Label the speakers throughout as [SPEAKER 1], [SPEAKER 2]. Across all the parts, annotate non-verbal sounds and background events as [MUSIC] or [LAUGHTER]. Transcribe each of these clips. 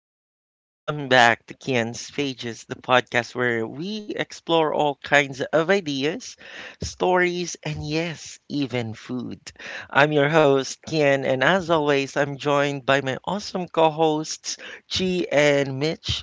[SPEAKER 1] everyone, and welcome back to Kian's Pages, the podcast where we explore all kinds of ideas, stories, and yes, even food. I'm your host, Kian, and as always, I'm joined by my awesome co hosts, Chi and Mitch.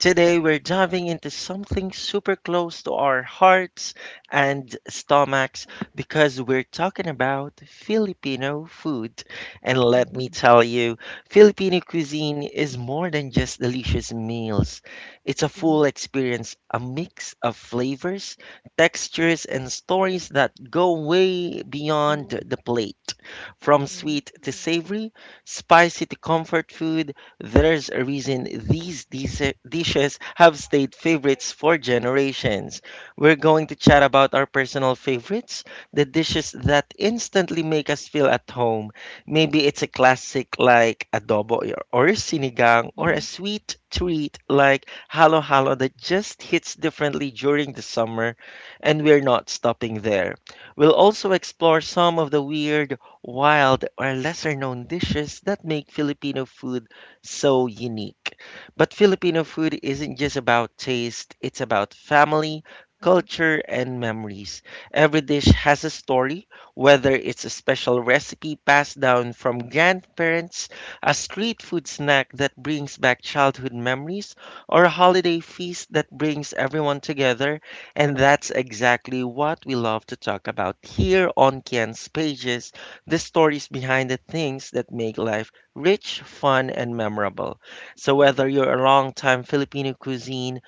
[SPEAKER 1] Today, we're diving into something super close to our hearts and stomachs because we're talking about Filipino food. And let me tell you, Filipino cuisine is more than just delicious meals. It's a full experience, a mix of flavors, textures, and stories that go way beyond the plate. From
[SPEAKER 2] Mm,
[SPEAKER 1] sweet to savory, spicy to comfort food, there's a reason these dishes have stayed favorites for generations. We're going to chat about our personal favorites, the dishes that instantly make us feel at home. Maybe it's a classic like adobo or sinigang, or a sweet treat like halo halo that just hits differently during the summer, and we're not stopping there. We'll also explore some of the weird, wild, or lesser known dishes that make Filipino food so unique. But Filipino food isn't just about taste, it's about family, culture, and memories. Every dish has a story, whether it's a special recipe passed down from grandparents, a street food snack that brings back childhood memories, or a holiday feast that brings everyone together. And that's exactly what we love to talk about here on Kian's Pages, the stories behind the things that make life rich, fun, and memorable. So, whether
[SPEAKER 2] mm,
[SPEAKER 1] you're a long-time Filipino cuisine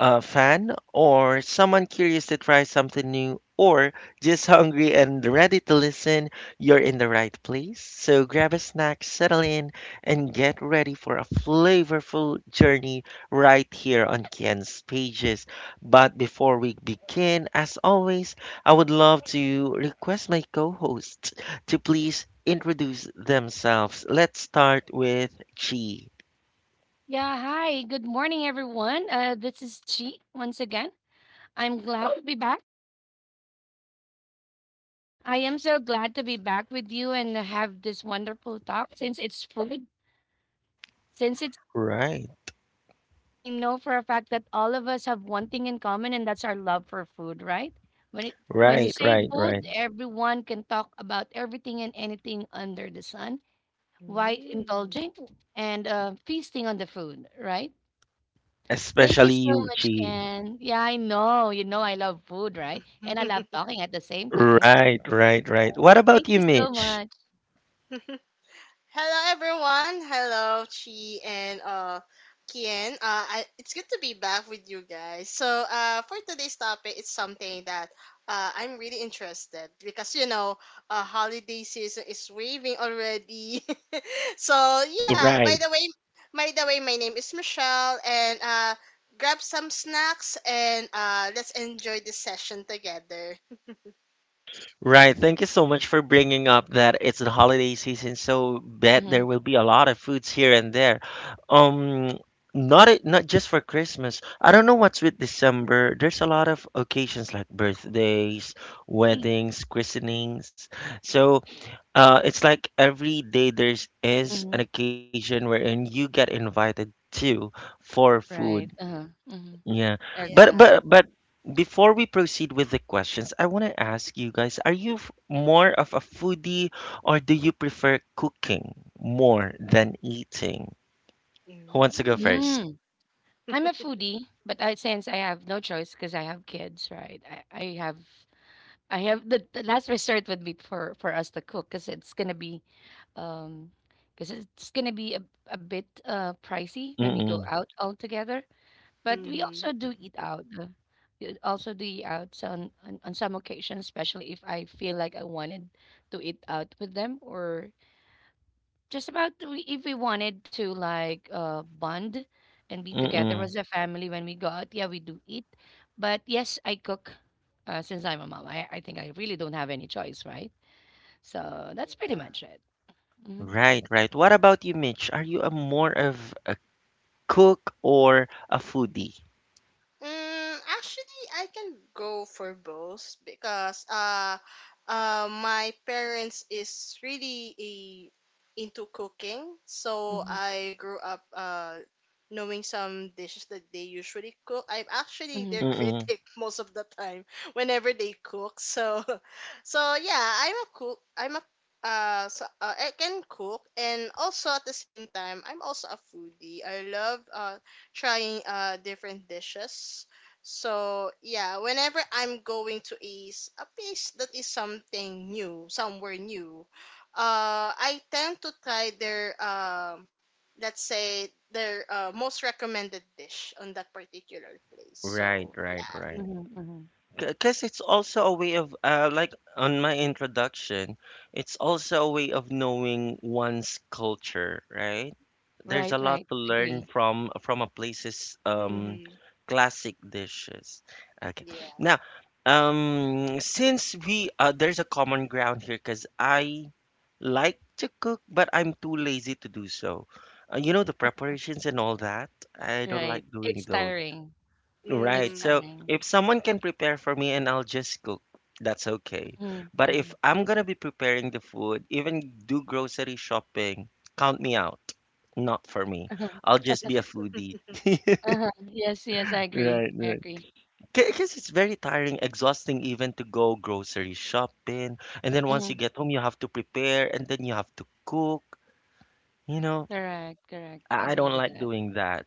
[SPEAKER 1] fan or someone curious to try something new, or just hungry and ready to listen, you're in the right place. So grab a snack, settle in, and get ready for a flavorful journey right here on Ken's Pages. But before we begin, as always, I would love to request my co hosts to please introduce themselves. Let's start with Chi.
[SPEAKER 3] Yeah, hi. Good morning, everyone. This is Chi once again. I'm glad to be back. I am so glad to be back with you and have this wonderful talk since it's food. Since it's,
[SPEAKER 1] Right,
[SPEAKER 3] I know for a fact that all of us have one thing in common, and that's our love for food, right? When it when you
[SPEAKER 1] right,
[SPEAKER 3] say
[SPEAKER 1] right, right.
[SPEAKER 3] food, everyone can talk about everything and anything under the sun. Why
[SPEAKER 2] mm.
[SPEAKER 3] indulging and feasting on the food, right? Thank you
[SPEAKER 1] Especially
[SPEAKER 3] so
[SPEAKER 1] you,
[SPEAKER 3] much,
[SPEAKER 1] Chi.
[SPEAKER 3] Ken. Yeah, I know. You know, I love food, right? And I love talking at the same time.
[SPEAKER 1] Right, right, right. What
[SPEAKER 3] Thank
[SPEAKER 1] about you,
[SPEAKER 3] you so
[SPEAKER 1] Mitch?
[SPEAKER 3] much.
[SPEAKER 2] Hello everyone. Hello Chi and Kian. It's good to be back with you guys. So for today's topic it's something that I'm really interested because holiday season is waving already. [LAUGHS] so yeah, by
[SPEAKER 1] Right.
[SPEAKER 2] the way my name is Michelle and grab some snacks and let's enjoy this session together.
[SPEAKER 1] Right. Thank you so much for bringing up that it's the holiday season, so bet there
[SPEAKER 3] Hmm.
[SPEAKER 1] will be a lot of foods here and there. Um, Not it, not just for Christmas. I don't know what's with December. There's a lot of occasions like birthdays,
[SPEAKER 3] Please.
[SPEAKER 1] weddings, christenings. So, it's like every day there's is
[SPEAKER 3] Hmm.
[SPEAKER 1] an occasion wherein you get invited to, for food.
[SPEAKER 3] Right. Uh-huh. Hmm.
[SPEAKER 1] Yeah. But
[SPEAKER 3] Agree.
[SPEAKER 2] Yeah.
[SPEAKER 1] but but before we proceed with the questions, I want to ask you guys, are you more of a foodie, or do you prefer cooking more than eating? Who wants to go first?
[SPEAKER 3] Mm. I'm a foodie, but I since I have no choice because I have kids, right? I, I have I have the, last resort would be for us to cook because it's gonna be, um, because it's gonna be a, a bit pricey when we go
[SPEAKER 1] Mm-mm.
[SPEAKER 3] out all together. But we
[SPEAKER 2] Mm-hmm.
[SPEAKER 3] also do eat out. We also do eat out on, on some occasions, especially if I feel like I wanted to eat out with them, or just about to, if we wanted to like bond and be together
[SPEAKER 1] Mm-mm.
[SPEAKER 3] as a family when we go out. Yeah, we do eat. But yes, I cook. Since I'm a mom, I think I really don't have any choice, right? So that's pretty
[SPEAKER 2] Yeah.
[SPEAKER 3] much it. Hmm.
[SPEAKER 1] Right, right. What about you, Mitch? Are you a more of a cook or a foodie?
[SPEAKER 2] Actually, I can go for both because my parents is really a, into cooking, so
[SPEAKER 3] Hmm.
[SPEAKER 2] I grew up knowing some dishes that they usually cook. I'm actually
[SPEAKER 3] Hmm.
[SPEAKER 2] their
[SPEAKER 1] Mm-mm.
[SPEAKER 2] critic [LAUGHS] most of the time whenever they cook. So, [LAUGHS] so yeah, I'm a cook. I can cook and also at the same time I'm also a foodie. I love trying different dishes. So yeah, whenever I'm going to a place that is something new, somewhere new, I tend to try their let's say their most recommended dish on that particular place.
[SPEAKER 1] Right,
[SPEAKER 2] So
[SPEAKER 1] right,
[SPEAKER 2] yeah,
[SPEAKER 1] right.
[SPEAKER 3] Hmm. Hmm.
[SPEAKER 1] Because it's also a way of, like on my introduction, it's also a way of knowing one's culture, right? There's
[SPEAKER 3] Right,
[SPEAKER 1] a lot
[SPEAKER 3] right.
[SPEAKER 1] to learn
[SPEAKER 3] Agree.
[SPEAKER 1] from a place's
[SPEAKER 2] [LAUGHS]
[SPEAKER 1] um,
[SPEAKER 2] hmm
[SPEAKER 1] classic dishes. Okay,
[SPEAKER 2] yeah,
[SPEAKER 1] now, since we there's a common ground here, because I like to cook, but I'm too lazy to do so. You know, the preparations and all that. I don't
[SPEAKER 3] Right.
[SPEAKER 1] like doing
[SPEAKER 3] It's
[SPEAKER 1] those.
[SPEAKER 3] tiring. It's
[SPEAKER 1] Right. So
[SPEAKER 3] tiring.
[SPEAKER 1] if someone can prepare for me and I'll just cook, that's okay.
[SPEAKER 3] Mhm,
[SPEAKER 1] But if
[SPEAKER 3] mhm.
[SPEAKER 1] I'm gonna be preparing the food, even do grocery shopping, count me out. Not for me. I'll just be a foodie. [LAUGHS]
[SPEAKER 3] Uh-huh. Yes, yes, I agree.
[SPEAKER 1] Right,
[SPEAKER 3] I
[SPEAKER 1] right.
[SPEAKER 3] agree.
[SPEAKER 1] Because it's very tiring, exhausting even to go grocery shopping. And then once you
[SPEAKER 3] Mhm.
[SPEAKER 1] get home, you have to prepare and then you have to cook. You know,
[SPEAKER 3] Correct, correct.
[SPEAKER 1] I
[SPEAKER 3] Agree
[SPEAKER 1] don't
[SPEAKER 3] with
[SPEAKER 1] like
[SPEAKER 3] that.
[SPEAKER 1] doing that.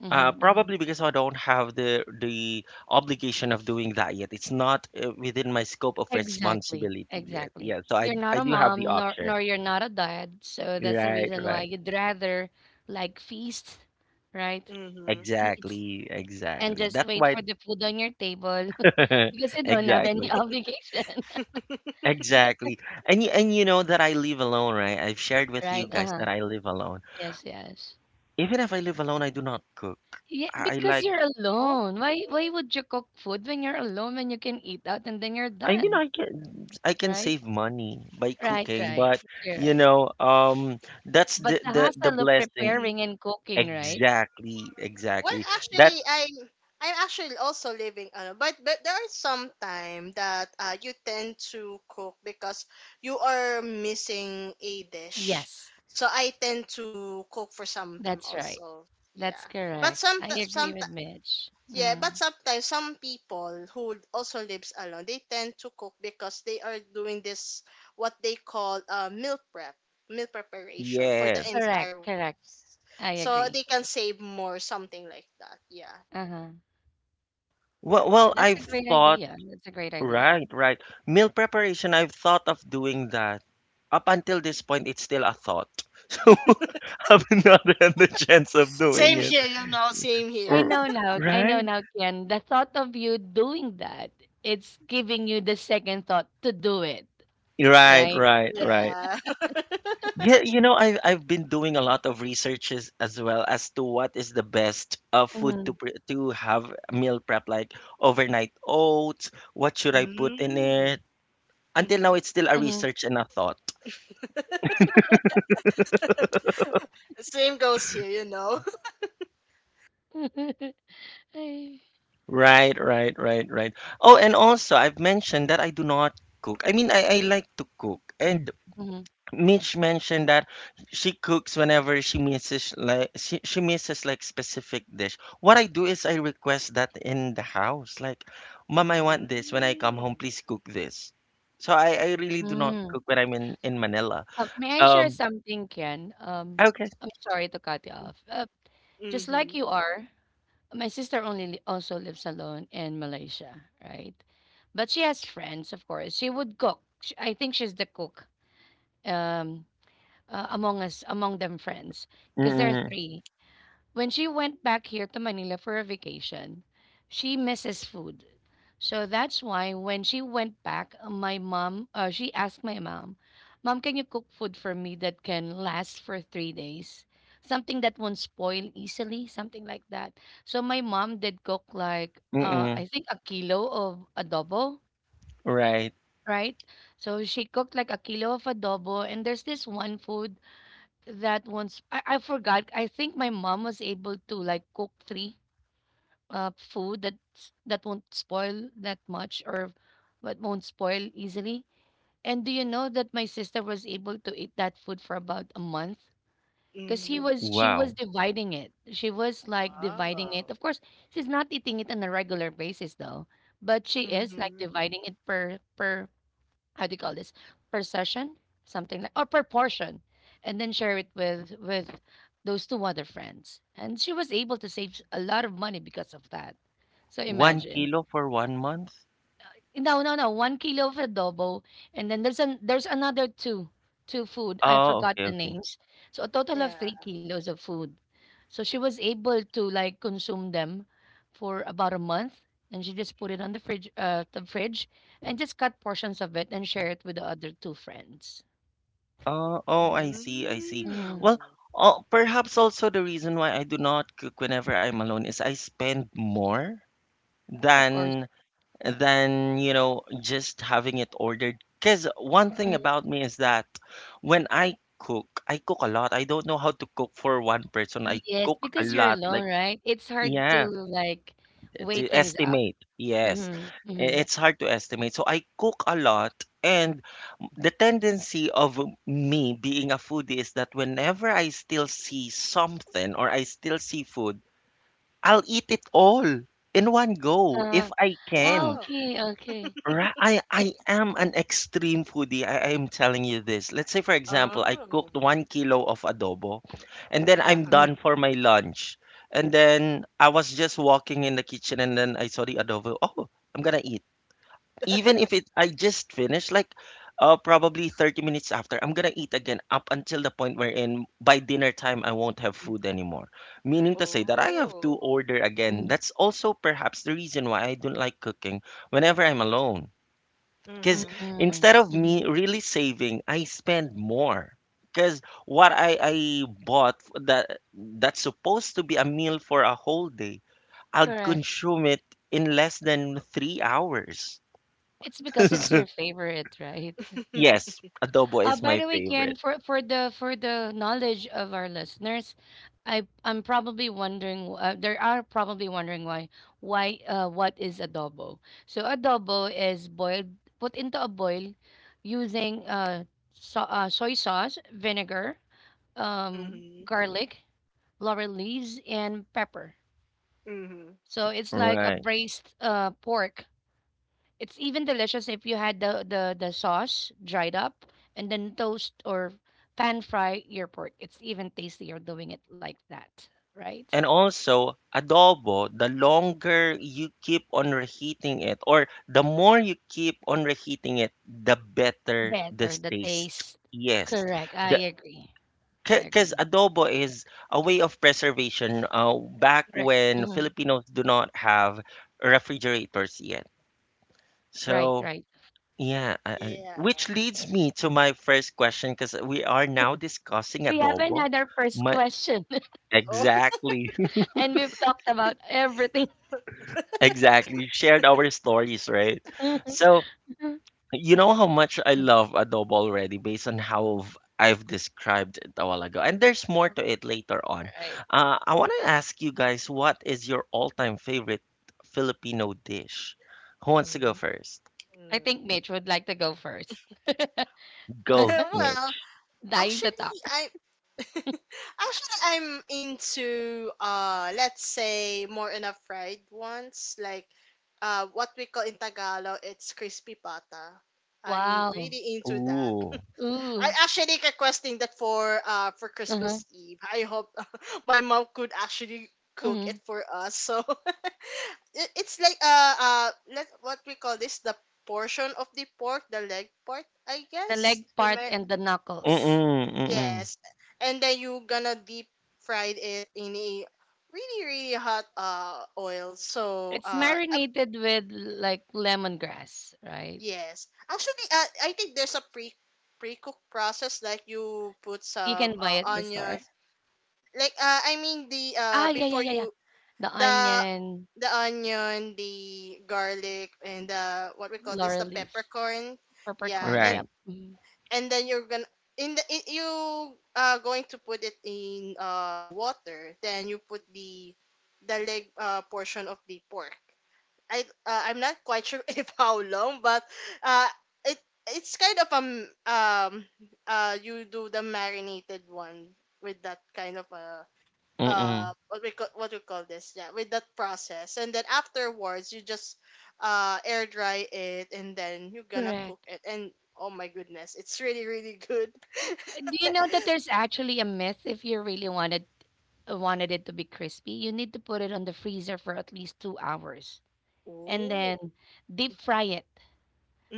[SPEAKER 3] Mhm, mhm.
[SPEAKER 1] Probably because I don't have the obligation of doing that yet. It's not within my scope of
[SPEAKER 3] Exactly,
[SPEAKER 1] responsibility yet.
[SPEAKER 3] exactly.
[SPEAKER 1] Yeah, so I
[SPEAKER 3] You're not
[SPEAKER 1] I
[SPEAKER 3] a
[SPEAKER 1] do have the
[SPEAKER 3] mom,
[SPEAKER 1] option.
[SPEAKER 3] nor you're not a dad, so that's the
[SPEAKER 1] Right,
[SPEAKER 3] reason why
[SPEAKER 1] right.
[SPEAKER 3] you'd rather like feast, right?
[SPEAKER 2] mm-hmm.
[SPEAKER 3] Eat
[SPEAKER 1] Exactly,
[SPEAKER 3] and
[SPEAKER 1] exactly.
[SPEAKER 3] just
[SPEAKER 1] That's
[SPEAKER 3] wait
[SPEAKER 1] why.
[SPEAKER 3] for the food on your table [LAUGHS] because you
[SPEAKER 1] [LAUGHS]
[SPEAKER 3] don't have any [LAUGHS]
[SPEAKER 1] Exactly,
[SPEAKER 3] obligation, [LAUGHS]
[SPEAKER 2] [LAUGHS]
[SPEAKER 1] exactly. And and you know that I live alone, right? I've shared with you
[SPEAKER 3] right?
[SPEAKER 1] guys
[SPEAKER 3] Uh-huh.
[SPEAKER 1] that I live alone.
[SPEAKER 3] Yes, yes.
[SPEAKER 1] Even if I live alone, I do not cook.
[SPEAKER 3] Yeah,
[SPEAKER 1] I I
[SPEAKER 3] because
[SPEAKER 1] like
[SPEAKER 3] you're
[SPEAKER 2] oh,
[SPEAKER 3] alone. Why would you cook food when you're alone when you can eat out and then you're
[SPEAKER 1] I mean,
[SPEAKER 3] done,
[SPEAKER 1] I can
[SPEAKER 3] right?
[SPEAKER 1] save money by
[SPEAKER 3] Right,
[SPEAKER 1] cooking,
[SPEAKER 3] right.
[SPEAKER 1] but you
[SPEAKER 3] Correct.
[SPEAKER 1] know, that's the
[SPEAKER 3] But the
[SPEAKER 1] the the
[SPEAKER 3] hassle of
[SPEAKER 1] blessing.
[SPEAKER 3] preparing and cooking, right?
[SPEAKER 1] Exactly,
[SPEAKER 2] Well,
[SPEAKER 1] exactly. That
[SPEAKER 2] actually, I'm actually also living alone, but there are some time that you tend to cook because you are missing a dish.
[SPEAKER 3] Yes,
[SPEAKER 2] So I tend to cook for some time
[SPEAKER 3] that's right.
[SPEAKER 2] also.
[SPEAKER 3] That's
[SPEAKER 2] Yeah, but
[SPEAKER 3] correct. I agree
[SPEAKER 2] some
[SPEAKER 3] with Mitch.
[SPEAKER 2] yeah,
[SPEAKER 3] Mm.
[SPEAKER 2] but sometimes some people who also lives alone they tend to cook because they are doing this what they call meal prep meal preparation for the
[SPEAKER 1] yes.
[SPEAKER 3] Correct,
[SPEAKER 2] entire week,
[SPEAKER 3] correct. I
[SPEAKER 2] so
[SPEAKER 3] agree.
[SPEAKER 2] they can save more something like that yeah.
[SPEAKER 3] Uh-huh.
[SPEAKER 1] Well, well,
[SPEAKER 3] That's a
[SPEAKER 1] I've
[SPEAKER 3] great
[SPEAKER 1] thought
[SPEAKER 3] idea. That's a great idea.
[SPEAKER 1] right, right. Meal preparation. I've thought of doing that. Up until this point, it's still a thought. [LAUGHS] So I've not had the chance of doing
[SPEAKER 2] Same
[SPEAKER 1] it.
[SPEAKER 2] here, you know, same
[SPEAKER 3] I
[SPEAKER 2] here.
[SPEAKER 1] Uh,
[SPEAKER 3] know now. I know
[SPEAKER 1] Right,
[SPEAKER 3] now, Ken. The thought of you doing that, it's giving you the second thought to do it,
[SPEAKER 1] right,
[SPEAKER 3] right?
[SPEAKER 2] [LAUGHS]
[SPEAKER 1] right, right.
[SPEAKER 2] yeah. [LAUGHS]
[SPEAKER 1] Yeah, you know, I've been doing a lot of researches as well as to what is the best food
[SPEAKER 3] Mm-hmm.
[SPEAKER 1] to pre to have meal prep, like overnight oats. What should I put in
[SPEAKER 2] Mm.
[SPEAKER 1] it? Until now,
[SPEAKER 2] Mm-hmm.
[SPEAKER 1] it's still a research and a thought.
[SPEAKER 2] Same goes here, you know.
[SPEAKER 1] Right, right, right, right. Oh, and also I've mentioned that I do not cook. I mean, I like to cook, and Mitch mentioned that she cooks whenever she misses, like she misses like specific dish. What I do is I request that in the house. Like, Mom,
[SPEAKER 2] [LAUGHS]
[SPEAKER 1] I want this. When I
[SPEAKER 2] Mm.
[SPEAKER 1] come home, please cook this. So I really do not
[SPEAKER 3] Mm-hmm. [LAUGHS]
[SPEAKER 1] cook when I'm in Manila.
[SPEAKER 3] May I share
[SPEAKER 1] Um
[SPEAKER 3] something, Ken?
[SPEAKER 1] okay.
[SPEAKER 3] I'm sorry to cut you off. Just
[SPEAKER 2] Mm-hmm.
[SPEAKER 3] like you are, my sister only also lives alone in Malaysia, right? But she has friends, of course. She would cook. I think she's the cook um, among us, among them friends, because there are
[SPEAKER 1] Mm-mm,
[SPEAKER 3] three. When she went back here to Manila for a vacation, she misses food. So that's why when she went back, my mom, she asked my mom, Mom, can you cook food for me that can last for 3 days? Something that won't spoil easily, something like that. So my mom did cook like,
[SPEAKER 1] mm-mm,
[SPEAKER 3] I think a kilo of adobo,
[SPEAKER 1] right.
[SPEAKER 3] right? So she cooked like a kilo of adobo, and there's this one food that once I forgot. I think my mom was able to like cook three food that won't spoil that much or what won't spoil easily. And do you know that my sister was able to eat that food for about a month? Because he
[SPEAKER 2] Mm-hmm.
[SPEAKER 3] was She was
[SPEAKER 1] Wow.
[SPEAKER 3] dividing it. She was like dividing
[SPEAKER 2] Wow.
[SPEAKER 3] it. Of course, she's not eating it on a regular basis though, but she is like
[SPEAKER 2] Mm-hmm.
[SPEAKER 3] dividing it per how do you call this per session something like or per portion, and then share it with those two other friends, and she was able to save a lot of money because of that, so
[SPEAKER 1] One
[SPEAKER 3] imagine
[SPEAKER 1] kilo for one month?
[SPEAKER 3] no, no, no. 1 kilo of adobo, and then there's an there's another two food. I
[SPEAKER 1] Oh,
[SPEAKER 3] forgot
[SPEAKER 1] okay,
[SPEAKER 3] the
[SPEAKER 1] okay.
[SPEAKER 3] names. So a total of
[SPEAKER 2] Yeah.
[SPEAKER 3] 3 kilos of food. So she was able to like consume them for about a month, and she just put it on the fridge, and just cut portions of it and share it with the other two friends.
[SPEAKER 1] Oh, oh, I see, I see.
[SPEAKER 3] Mm,
[SPEAKER 1] Well,
[SPEAKER 2] Mm.
[SPEAKER 1] oh, perhaps also the reason why I do not cook whenever I'm alone is I spend more
[SPEAKER 3] of course.
[SPEAKER 1] than than, you know, just having it ordered. Because one thing
[SPEAKER 3] Mhm.
[SPEAKER 1] about me is that when I cook a lot. I don't know how to cook for one person. I
[SPEAKER 3] Yes,
[SPEAKER 1] cook a
[SPEAKER 3] because you're
[SPEAKER 1] lot.
[SPEAKER 3] alone,
[SPEAKER 1] Like,
[SPEAKER 3] right? It's hard to
[SPEAKER 1] yeah,
[SPEAKER 3] like weigh
[SPEAKER 1] to
[SPEAKER 3] things up.
[SPEAKER 1] estimate. Yes.
[SPEAKER 3] Mm-hmm, mm-hmm.
[SPEAKER 1] I- It's hard to estimate. So I cook a lot, and the tendency of me being a foodie is that whenever I still see something, or I still see food, I'll eat it all in one go
[SPEAKER 3] Uh,
[SPEAKER 1] if I
[SPEAKER 3] ah,
[SPEAKER 1] can.
[SPEAKER 2] Wow.
[SPEAKER 3] okay, okay.
[SPEAKER 1] Right. I am an extreme foodie. I am telling you this. Let's say for example, I
[SPEAKER 2] Oh.
[SPEAKER 1] cooked one kilo of adobo, and then I'm
[SPEAKER 2] Uh-huh.
[SPEAKER 1] done for my lunch. And then I was just walking in the kitchen, and then I saw the adobo. Oh, I'm gonna eat. Even if it I just finished, like probably 30 minutes after, I'm gonna eat again up until the point wherein by dinner time I won't have food anymore. Meaning to say that I have to
[SPEAKER 2] Oh.
[SPEAKER 1] order again. That's also perhaps the reason why I don't like cooking whenever I'm alone because
[SPEAKER 2] Mm-hmm.
[SPEAKER 3] Mm-mm,
[SPEAKER 1] instead of me
[SPEAKER 3] mhm,
[SPEAKER 1] really saving, I spend more. Because I bought that, that's supposed to be a meal for a whole day, I'll
[SPEAKER 3] correct.
[SPEAKER 1] consume it in less than three hours.
[SPEAKER 3] It's
[SPEAKER 1] [LAUGHS]
[SPEAKER 3] because it's
[SPEAKER 1] So,
[SPEAKER 3] your favorite, right? [LAUGHS]
[SPEAKER 1] yes, adobo is
[SPEAKER 3] By
[SPEAKER 1] my
[SPEAKER 3] the way, Ken,
[SPEAKER 1] favorite.
[SPEAKER 3] for for the knowledge of our listeners, I'm probably wondering. There are probably wondering why what is adobo? So adobo is boiled, put into a boil, using soy sauce, vinegar,
[SPEAKER 2] Mm-hmm.
[SPEAKER 3] garlic, laurel leaves, and pepper.
[SPEAKER 2] Mm-hmm.
[SPEAKER 3] So it's like a
[SPEAKER 1] Right.
[SPEAKER 3] braised pork. It's even delicious if you had the sauce dried up and then toast or pan fry your pork. It's even tastier doing it like that, right?
[SPEAKER 1] And also, adobo, the longer you keep on reheating it, or the more you keep on reheating it, the better the
[SPEAKER 3] Better the
[SPEAKER 1] taste.
[SPEAKER 3] taste.
[SPEAKER 1] Yes.
[SPEAKER 3] Correct. I
[SPEAKER 1] The
[SPEAKER 3] agree. I
[SPEAKER 1] Because
[SPEAKER 3] agree.
[SPEAKER 1] adobo is a way of preservation, back
[SPEAKER 3] Correct.
[SPEAKER 1] when
[SPEAKER 3] Hmm.
[SPEAKER 1] Filipinos do not have refrigerators yet.
[SPEAKER 3] Right,
[SPEAKER 1] So,
[SPEAKER 3] right.
[SPEAKER 1] yeah,
[SPEAKER 2] Yeah.
[SPEAKER 1] which leads me to my first question because we are now discussing
[SPEAKER 3] We haven't
[SPEAKER 1] adobo.
[SPEAKER 3] had our first
[SPEAKER 1] My,
[SPEAKER 3] question.
[SPEAKER 2] Oh. [LAUGHS]
[SPEAKER 1] exactly,
[SPEAKER 3] [LAUGHS] And we've talked about everything.
[SPEAKER 1] [LAUGHS] exactly. Shared our stories, right?
[SPEAKER 3] [LAUGHS]
[SPEAKER 1] So, you know how much I love adobo already based on how I've described it a while ago. And there's more to it later on.
[SPEAKER 3] Right.
[SPEAKER 1] I want to ask you guys, what is your all time favorite Filipino dish? Who wants to go first?
[SPEAKER 3] I
[SPEAKER 2] Mm.
[SPEAKER 3] think Mitch would like to go first.
[SPEAKER 2] [LAUGHS]
[SPEAKER 1] Go,
[SPEAKER 2] Well,
[SPEAKER 1] Mitch.
[SPEAKER 3] Dying
[SPEAKER 2] actually,
[SPEAKER 3] to talk.
[SPEAKER 2] I Actually, I'm into let's say more in a fried ones like what we call in Tagalog it's crispy pata. I'm
[SPEAKER 3] Wow.
[SPEAKER 2] really into that.
[SPEAKER 1] Ooh.
[SPEAKER 2] [LAUGHS] I
[SPEAKER 3] Ooh.
[SPEAKER 2] actually requesting that for
[SPEAKER 3] Uh-huh.
[SPEAKER 2] Christmas Eve. I hope [LAUGHS] my mom could actually cook it for us. So [LAUGHS] it's like let what we call this the portion of the pork, the leg part, I
[SPEAKER 3] The
[SPEAKER 2] guess.
[SPEAKER 3] leg
[SPEAKER 2] Am
[SPEAKER 3] part
[SPEAKER 2] I
[SPEAKER 3] and the knuckles.
[SPEAKER 1] Mm-mm, mm-mm.
[SPEAKER 2] Yes. And then you gonna deep fried it in a really really hot oil. So
[SPEAKER 3] It's marinated with like lemongrass, right?
[SPEAKER 2] yes. Actually I think there's a pre cook process like you put
[SPEAKER 3] You
[SPEAKER 2] some
[SPEAKER 3] can buy it at the store.
[SPEAKER 2] onions like I mean the
[SPEAKER 3] Ah, yeah, yeah,
[SPEAKER 2] before
[SPEAKER 3] yeah,
[SPEAKER 2] you
[SPEAKER 3] yeah. The
[SPEAKER 2] the
[SPEAKER 3] onion,
[SPEAKER 2] the onion, the garlic and the what we call this the
[SPEAKER 3] laurel leaves,
[SPEAKER 2] peppercorn. Yeah,
[SPEAKER 3] peppercorn.
[SPEAKER 1] Right.
[SPEAKER 3] Yep. Mhm.
[SPEAKER 2] and then you're gonna you are going to put it in water then you put the leg portion of the pork. i I'm not quite sure [LAUGHS] if how long but uh it it's kind of you do the marinated one with that kind of
[SPEAKER 1] Mm-mm.
[SPEAKER 2] what we call this yeah with that process and then afterwards you just air dry it and then you're gonna cook
[SPEAKER 3] Correct.
[SPEAKER 2] it and oh my goodness it's really really good.
[SPEAKER 3] Do
[SPEAKER 2] [LAUGHS]
[SPEAKER 3] you know that there's actually a myth? If you really wanted wanted it to be crispy, you need to put it on the freezer for at least 2 hours and
[SPEAKER 2] Oh.
[SPEAKER 3] then deep fry it.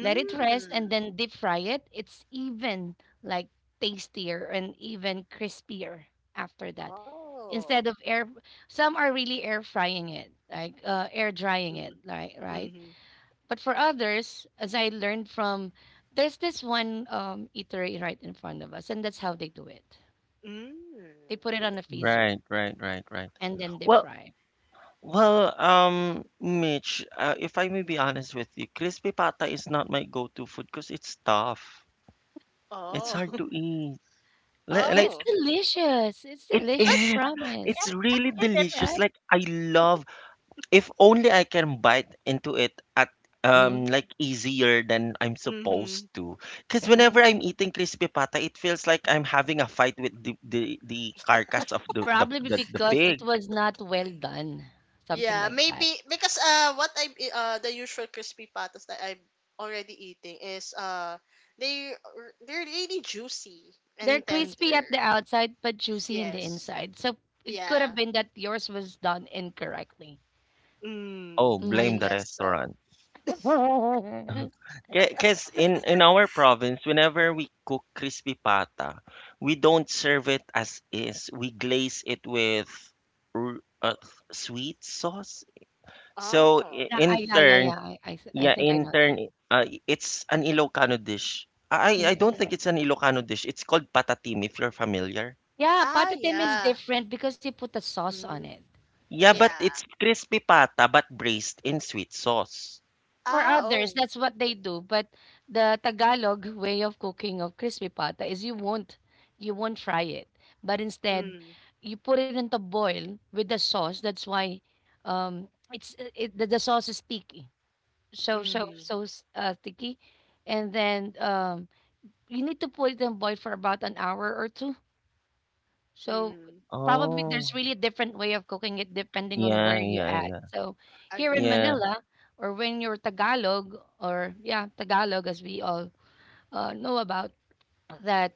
[SPEAKER 3] Let it rest and then deep fry it. It's even like tastier and even crispier after that.
[SPEAKER 2] oh
[SPEAKER 3] Instead of air, some are really air frying it, like air drying
[SPEAKER 2] mm
[SPEAKER 3] it, like right.
[SPEAKER 2] mm
[SPEAKER 3] But for others, as I learned from, there's this one eatery right in front of us, and that's how they do it.
[SPEAKER 2] mm
[SPEAKER 3] They put it on the
[SPEAKER 1] Right,
[SPEAKER 3] freezer
[SPEAKER 1] right, right, right.
[SPEAKER 3] and then deep
[SPEAKER 1] Well,
[SPEAKER 3] fry.
[SPEAKER 1] well, Mitch, if I may be honest with you, crispy pata is not my go-to food because it's tough. It's
[SPEAKER 2] oh [LAUGHS]
[SPEAKER 1] hard to eat.
[SPEAKER 3] But it's
[SPEAKER 1] Like,
[SPEAKER 2] oh
[SPEAKER 3] delicious. It's
[SPEAKER 1] it
[SPEAKER 2] but
[SPEAKER 3] delicious,
[SPEAKER 1] is.
[SPEAKER 2] I can,
[SPEAKER 3] promise,
[SPEAKER 1] It's
[SPEAKER 2] I
[SPEAKER 1] really
[SPEAKER 2] can eat it.
[SPEAKER 1] delicious.
[SPEAKER 3] right?
[SPEAKER 1] Like I love, if only I can bite into it at
[SPEAKER 3] Mm-hmm.
[SPEAKER 1] like easier than I'm
[SPEAKER 2] Mm-hmm.
[SPEAKER 1] supposed to. Because whenever
[SPEAKER 3] Mm-hmm.
[SPEAKER 1] I'm eating crispy pata, it feels like I'm having a fight with the carcass
[SPEAKER 3] It's
[SPEAKER 1] of the
[SPEAKER 3] probably be
[SPEAKER 1] the the
[SPEAKER 3] because it
[SPEAKER 1] pig.
[SPEAKER 3] was not well done, something
[SPEAKER 2] Yeah,
[SPEAKER 3] like that.
[SPEAKER 2] maybe because what I the usual crispy patas that I'm already eating is they they're really juicy
[SPEAKER 3] They're
[SPEAKER 2] and tender.
[SPEAKER 3] crispy at the outside but juicy in the
[SPEAKER 2] Yes.
[SPEAKER 3] inside. So it could have
[SPEAKER 2] Yeah.
[SPEAKER 3] been that yours was done incorrectly.
[SPEAKER 1] Oh,
[SPEAKER 2] Mm, I
[SPEAKER 1] blame
[SPEAKER 3] Mm.
[SPEAKER 1] the
[SPEAKER 2] guess so.
[SPEAKER 1] restaurant.
[SPEAKER 3] [LAUGHS] Yeah,
[SPEAKER 1] [LAUGHS] Because in our province, whenever we cook crispy pata, we don't serve it as is. We glaze it with r- uh, sweet sauce. So
[SPEAKER 2] Oh.
[SPEAKER 1] in
[SPEAKER 3] I, yeah, yeah,
[SPEAKER 1] turn,
[SPEAKER 3] yeah. I
[SPEAKER 1] yeah,
[SPEAKER 3] think I
[SPEAKER 1] in
[SPEAKER 3] know that.
[SPEAKER 1] turn, it's an Ilocano dish.
[SPEAKER 3] Mm.
[SPEAKER 1] I
[SPEAKER 2] Mm.
[SPEAKER 1] don't think it's an Ilocano dish. It's called patatim, if you're familiar.
[SPEAKER 3] Yeah,
[SPEAKER 2] Ah,
[SPEAKER 3] patatim is
[SPEAKER 2] yeah.
[SPEAKER 3] different because you put a sauce on
[SPEAKER 2] Mm,
[SPEAKER 3] it.
[SPEAKER 1] Yeah, but
[SPEAKER 2] yeah.
[SPEAKER 1] it's crispy pata but braised in sweet sauce.
[SPEAKER 3] For
[SPEAKER 2] Ah,
[SPEAKER 3] others,
[SPEAKER 2] oh.
[SPEAKER 3] that's what they do. But the Tagalog way of cooking of crispy pata is you won't fry it. But instead,
[SPEAKER 2] Mm,
[SPEAKER 3] you put it into boil with the sauce. That's why the sauce is sticky.
[SPEAKER 2] mm,
[SPEAKER 3] Sticky. And then you need to put it in boil for about an hour or two, so
[SPEAKER 2] mm.
[SPEAKER 3] probably there's
[SPEAKER 1] Oh,
[SPEAKER 3] really a different way of cooking it depending on where
[SPEAKER 1] yeah,
[SPEAKER 3] you
[SPEAKER 1] yeah,
[SPEAKER 3] at.
[SPEAKER 1] yeah.
[SPEAKER 3] So here in
[SPEAKER 2] Agree.
[SPEAKER 1] Yeah.
[SPEAKER 3] Manila, or when you're Tagalog, or yeah, Tagalog as we all know about, that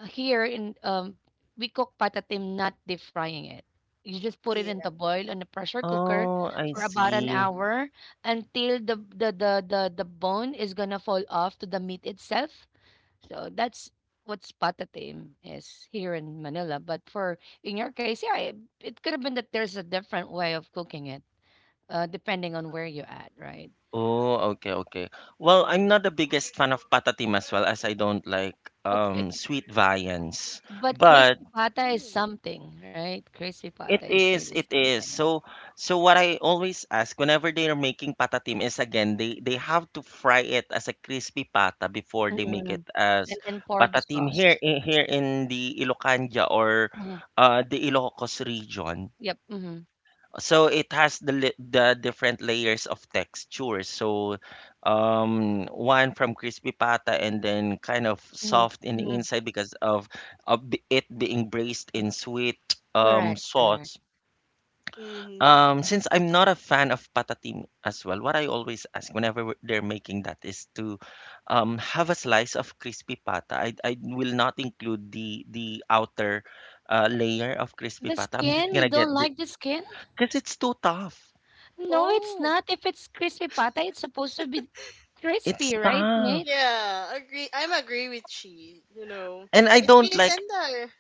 [SPEAKER 3] here in we cook patatim not deep frying it. You just put it in
[SPEAKER 2] Yeah.
[SPEAKER 3] the boil on the pressure cooker
[SPEAKER 1] Oh, I
[SPEAKER 3] for about an
[SPEAKER 1] see.
[SPEAKER 2] Mm,
[SPEAKER 3] hour until the bone is gonna fall off to the meat itself, so that's what's patatim is here in Manila. But for in your case, yeah, it could have been that there's a different way of cooking it, depending on where you're at, right?
[SPEAKER 1] Oh, okay, okay. Well, I'm
[SPEAKER 2] mm,
[SPEAKER 1] not the biggest fan of patatim as well, as I don't like
[SPEAKER 3] Okay.
[SPEAKER 1] sweet viands.
[SPEAKER 3] But
[SPEAKER 1] But
[SPEAKER 3] crispy pata is
[SPEAKER 2] mm,
[SPEAKER 3] something, right? Crispy pata
[SPEAKER 1] it
[SPEAKER 3] is
[SPEAKER 1] is,
[SPEAKER 3] really
[SPEAKER 1] it is.
[SPEAKER 3] something.
[SPEAKER 1] So, so what I always ask whenever they are making patatim is, again, they have to fry it as a crispy pata before they make it
[SPEAKER 3] Mhm.
[SPEAKER 1] as
[SPEAKER 3] And then pour the
[SPEAKER 1] patatim here
[SPEAKER 3] sauce.
[SPEAKER 1] in here in the Ilocanja or
[SPEAKER 3] Hmm.
[SPEAKER 1] the Ilocos region.
[SPEAKER 3] Yep. Hmm.
[SPEAKER 1] So it has the the different layers of textures. So, one from crispy pata and then kind of
[SPEAKER 3] Hmm.
[SPEAKER 1] soft in the
[SPEAKER 3] Hmm.
[SPEAKER 1] inside because of it being braised in sweet
[SPEAKER 3] Correct. Correct.
[SPEAKER 1] sauce.
[SPEAKER 2] mm.
[SPEAKER 1] Since I'm not a fan of patatim as well, what I always ask whenever they're making that is to have a slice of crispy pata. I will not include the outer layer of crispy
[SPEAKER 3] The
[SPEAKER 1] pata. I'm just
[SPEAKER 3] skin, you
[SPEAKER 1] gonna
[SPEAKER 3] don't
[SPEAKER 1] get the
[SPEAKER 3] like the skin?
[SPEAKER 1] because it's too tough.
[SPEAKER 3] No, it's
[SPEAKER 2] Oh.
[SPEAKER 3] not. If it's crispy pata, it's supposed to be crispy,
[SPEAKER 1] It's
[SPEAKER 3] right,
[SPEAKER 1] tough,
[SPEAKER 3] Mitch?
[SPEAKER 2] Yeah, agree. I'm agree with she. You know,
[SPEAKER 1] and I
[SPEAKER 2] it's
[SPEAKER 1] don't
[SPEAKER 2] really
[SPEAKER 1] like.
[SPEAKER 2] tender.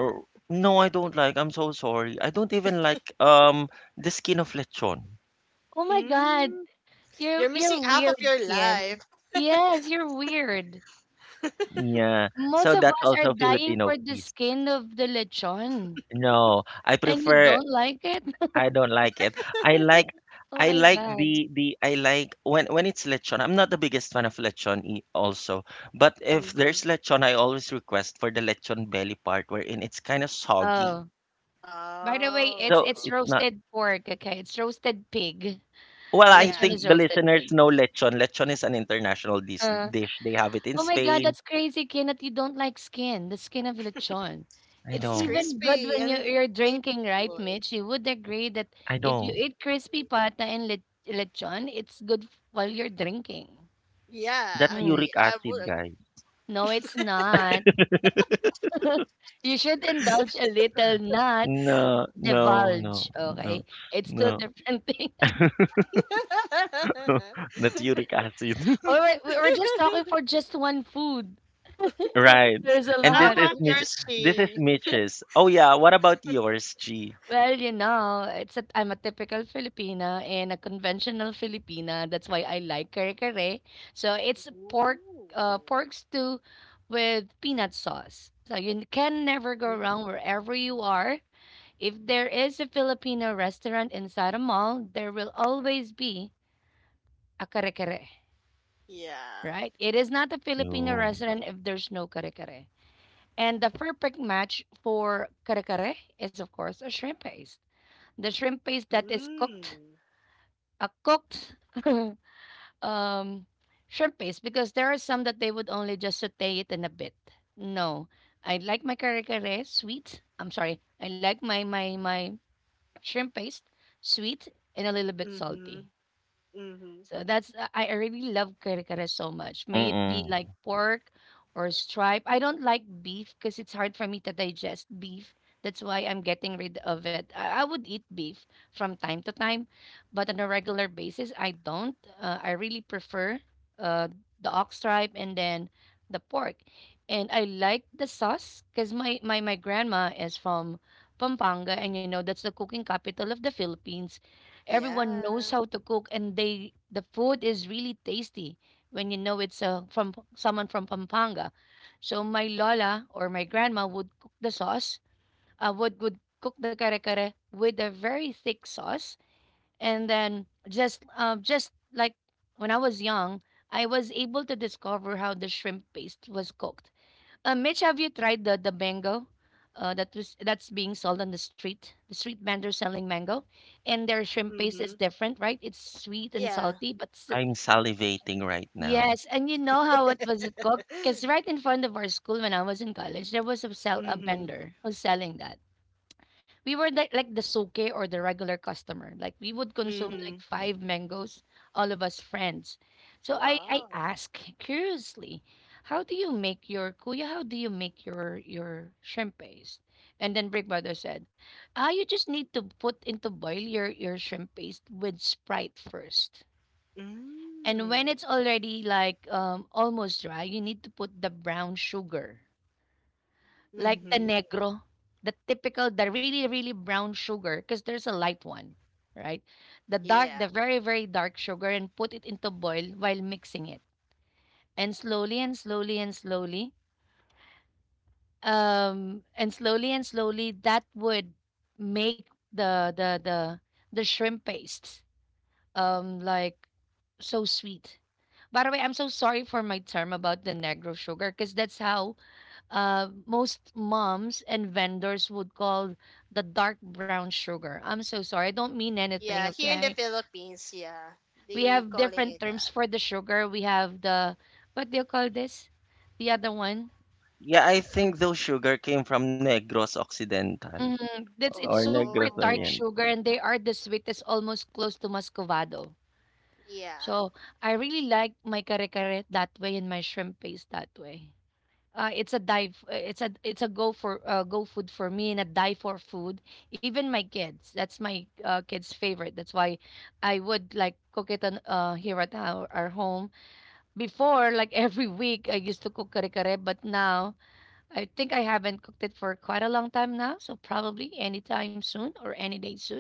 [SPEAKER 1] er, No, I don't like. I'm so sorry. I don't even like the skin of lechon.
[SPEAKER 3] Oh my god,
[SPEAKER 2] Mm, you're missing
[SPEAKER 3] you're
[SPEAKER 2] half of
[SPEAKER 3] weird,
[SPEAKER 2] your
[SPEAKER 3] Ken.
[SPEAKER 2] life.
[SPEAKER 3] Yes, you're weird.
[SPEAKER 1] Yeah,
[SPEAKER 3] Most
[SPEAKER 1] so
[SPEAKER 3] of
[SPEAKER 1] that's
[SPEAKER 3] us are
[SPEAKER 1] also
[SPEAKER 3] dying for
[SPEAKER 1] Filipino
[SPEAKER 3] the
[SPEAKER 1] piece.
[SPEAKER 3] skin of the lechon,
[SPEAKER 1] No, I
[SPEAKER 3] and you
[SPEAKER 1] prefer
[SPEAKER 3] don't like it. [LAUGHS]
[SPEAKER 1] I don't like it.
[SPEAKER 2] [LAUGHS]
[SPEAKER 3] Oh
[SPEAKER 1] I
[SPEAKER 3] my
[SPEAKER 1] like
[SPEAKER 3] god.
[SPEAKER 1] the I like when it's lechon. I'm not the biggest fan of lechon also, but if
[SPEAKER 2] Mm-hmm.
[SPEAKER 1] there's lechon, I always request for the lechon belly part wherein it's kind of soggy.
[SPEAKER 3] Oh, by the way,
[SPEAKER 1] So
[SPEAKER 3] it's
[SPEAKER 2] Oh,
[SPEAKER 1] it's not.
[SPEAKER 3] roasted pork. Okay, it's roasted pig.
[SPEAKER 1] Well, I
[SPEAKER 2] yeah,
[SPEAKER 3] Lechon is
[SPEAKER 1] think the
[SPEAKER 3] roasted
[SPEAKER 1] listeners
[SPEAKER 3] pig.
[SPEAKER 1] know lechon. Lechon is an international
[SPEAKER 3] Uh,
[SPEAKER 1] dish. They have it in
[SPEAKER 3] Oh my God,
[SPEAKER 1] Spain.
[SPEAKER 3] that's crazy, Ken, that you don't like skin, the skin of lechon.
[SPEAKER 1] I
[SPEAKER 3] It's
[SPEAKER 2] it's
[SPEAKER 1] don't.
[SPEAKER 3] even good
[SPEAKER 2] crispy
[SPEAKER 3] when you,
[SPEAKER 2] and
[SPEAKER 3] you're drinking, right,
[SPEAKER 2] good.
[SPEAKER 3] Mitch? You would agree that
[SPEAKER 1] I
[SPEAKER 3] if you
[SPEAKER 1] don't.
[SPEAKER 3] eat crispy pata and le lechon, it's good while you're drinking.
[SPEAKER 2] Yeah,
[SPEAKER 1] That's
[SPEAKER 3] Mm.
[SPEAKER 2] agree.
[SPEAKER 1] uric
[SPEAKER 2] I
[SPEAKER 1] acid,
[SPEAKER 2] would
[SPEAKER 1] guys.
[SPEAKER 3] No, it's not.
[SPEAKER 1] [LAUGHS]
[SPEAKER 3] [LAUGHS] You should indulge a little, not
[SPEAKER 1] No, no,
[SPEAKER 3] divulge,
[SPEAKER 1] no,
[SPEAKER 3] okay?
[SPEAKER 1] no,
[SPEAKER 3] It's two
[SPEAKER 1] no.
[SPEAKER 3] different [LAUGHS] things.
[SPEAKER 2] agree.
[SPEAKER 1] [LAUGHS] That's uric acid. [LAUGHS]
[SPEAKER 3] Or we're just talking for just one food.
[SPEAKER 1] Right.
[SPEAKER 3] There's a
[SPEAKER 2] [LAUGHS]
[SPEAKER 1] And
[SPEAKER 2] How
[SPEAKER 3] lot.
[SPEAKER 2] about yours,
[SPEAKER 1] This is
[SPEAKER 2] she?
[SPEAKER 1] Mitch's. Oh yeah, what about yours, G?
[SPEAKER 3] Well, you know, it's a I'm a typical Filipina and a conventional Filipina. That's why I like kare-kare. So it's pork,
[SPEAKER 2] Ooh.
[SPEAKER 3] pork stew with peanut sauce. So you can never go
[SPEAKER 2] Mm,
[SPEAKER 3] wrong wherever you are. If there is a Filipino restaurant inside a mall, there will always be a kare-kare,
[SPEAKER 2] Yeah,
[SPEAKER 3] right? It is not a Filipino
[SPEAKER 1] Oh.
[SPEAKER 3] restaurant if there's no kare-kare. And the perfect match for kare-kare is, of course, a shrimp paste, the shrimp paste that is cooked,
[SPEAKER 2] Mm.
[SPEAKER 3] a cooked [LAUGHS] um, shrimp paste, because there are some that they would only just saute it in a bit. No, I like my kare kare sweet. I'm sorry, I like my shrimp paste sweet and a little bit
[SPEAKER 2] Mm-hmm.
[SPEAKER 3] salty.
[SPEAKER 2] Mm-hmm.
[SPEAKER 3] So that's I really love kare kare so much. May it be
[SPEAKER 1] Mm-mm.
[SPEAKER 3] like pork or stripe. I don't like beef because it's hard for me to digest beef. That's why I'm getting rid of it. I would eat beef from time to time, but on a regular basis, I don't. I really prefer uh, the ox stripe and then the pork. And I like the sauce because my grandma is from Pampanga, and you know, that's the cooking capital of the Philippines. Everyone
[SPEAKER 2] yeah,
[SPEAKER 3] knows how to cook, and they the food is really tasty when you know it's from someone from Pampanga. So my lola or my grandma would cook the sauce, would cook the kare kare with a very thick sauce, and then just like when I was young, I was able to discover how the shrimp paste was cooked. Mitch, have you tried the mango? That was that's being sold on the street. The street vendor selling mango, and their shrimp paste
[SPEAKER 2] Mm-hmm.
[SPEAKER 3] is different, right? It's sweet and
[SPEAKER 2] yeah.
[SPEAKER 3] salty, but still,
[SPEAKER 1] I'm salivating right now.
[SPEAKER 3] yes. And you know how it was it cooked? Because right in front of our school when I was in college, there was a sell a
[SPEAKER 2] Mm-hmm.
[SPEAKER 3] vendor who's selling that. We were like the soke or the regular customer. Like we would consume
[SPEAKER 2] Mm-hmm.
[SPEAKER 3] like five mangoes, all of us friends. So I
[SPEAKER 2] Wow.
[SPEAKER 3] ask curiously, how do you make your kuya? How do you make your shrimp paste? And then Brick Brother said, ah, you just need to put into boil your shrimp paste with Sprite first. And when
[SPEAKER 2] Mm.
[SPEAKER 3] it's already like almost dry, you need to put the brown sugar like the
[SPEAKER 2] Mm-hmm.
[SPEAKER 3] negro, the typical, the really, really brown sugar, because there's a light one, right? The dark,
[SPEAKER 2] Yeah.
[SPEAKER 3] the very, very dark sugar, and put it into boil while mixing it. And slowly and slowly and slowly, and slowly and slowly, that would make the the shrimp paste like so sweet. By the way, I'm so sorry for my term about the negro sugar because that's how most moms and vendors would call the dark brown sugar. I'm so sorry. I don't mean anything,
[SPEAKER 2] Yeah, here in the
[SPEAKER 3] okay?
[SPEAKER 2] Philippines, yeah.
[SPEAKER 3] We
[SPEAKER 2] They
[SPEAKER 3] have
[SPEAKER 2] calling it
[SPEAKER 3] different terms
[SPEAKER 2] that.
[SPEAKER 3] for the sugar. We have the, what do you call this? The other one?
[SPEAKER 1] Yeah, I think those sugar came from Negros Occidental
[SPEAKER 3] Mm, that's
[SPEAKER 1] or
[SPEAKER 3] it's
[SPEAKER 1] Negros
[SPEAKER 3] super dark
[SPEAKER 2] Oh.
[SPEAKER 1] Orient.
[SPEAKER 3] sugar and they are the sweetest, almost close to muscovado.
[SPEAKER 2] Yeah.
[SPEAKER 3] So, I really like my kare-kare that way and my shrimp paste that way. It's a dive. It's a go for go food for me and a die for food. Even my kids. That's my kids' favorite. That's why I would like cook it on here at our home. Before, like [LAUGHS] every week, I used to cook kare-kare, but now I think I haven't cooked it for quite a long time now. So probably anytime soon or any day soon,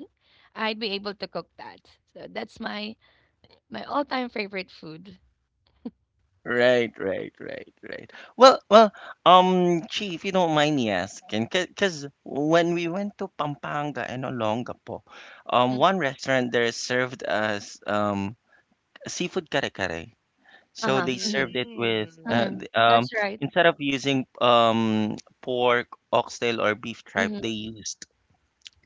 [SPEAKER 3] I'd be able to cook that. So that's my all-time favorite food.
[SPEAKER 1] Right, right, right, right. Well, well, Chi, if you don't mind me asking, because when we went to Pampanga and Olongapo,
[SPEAKER 3] Mm.
[SPEAKER 1] one restaurant there served us seafood kare kare. So
[SPEAKER 3] Uh-huh,
[SPEAKER 1] they served
[SPEAKER 3] mhm,
[SPEAKER 1] it with
[SPEAKER 2] Mm.
[SPEAKER 3] mhm. That's right.
[SPEAKER 1] instead of using pork, oxtail, or beef tripe,
[SPEAKER 3] Mhm,
[SPEAKER 1] they used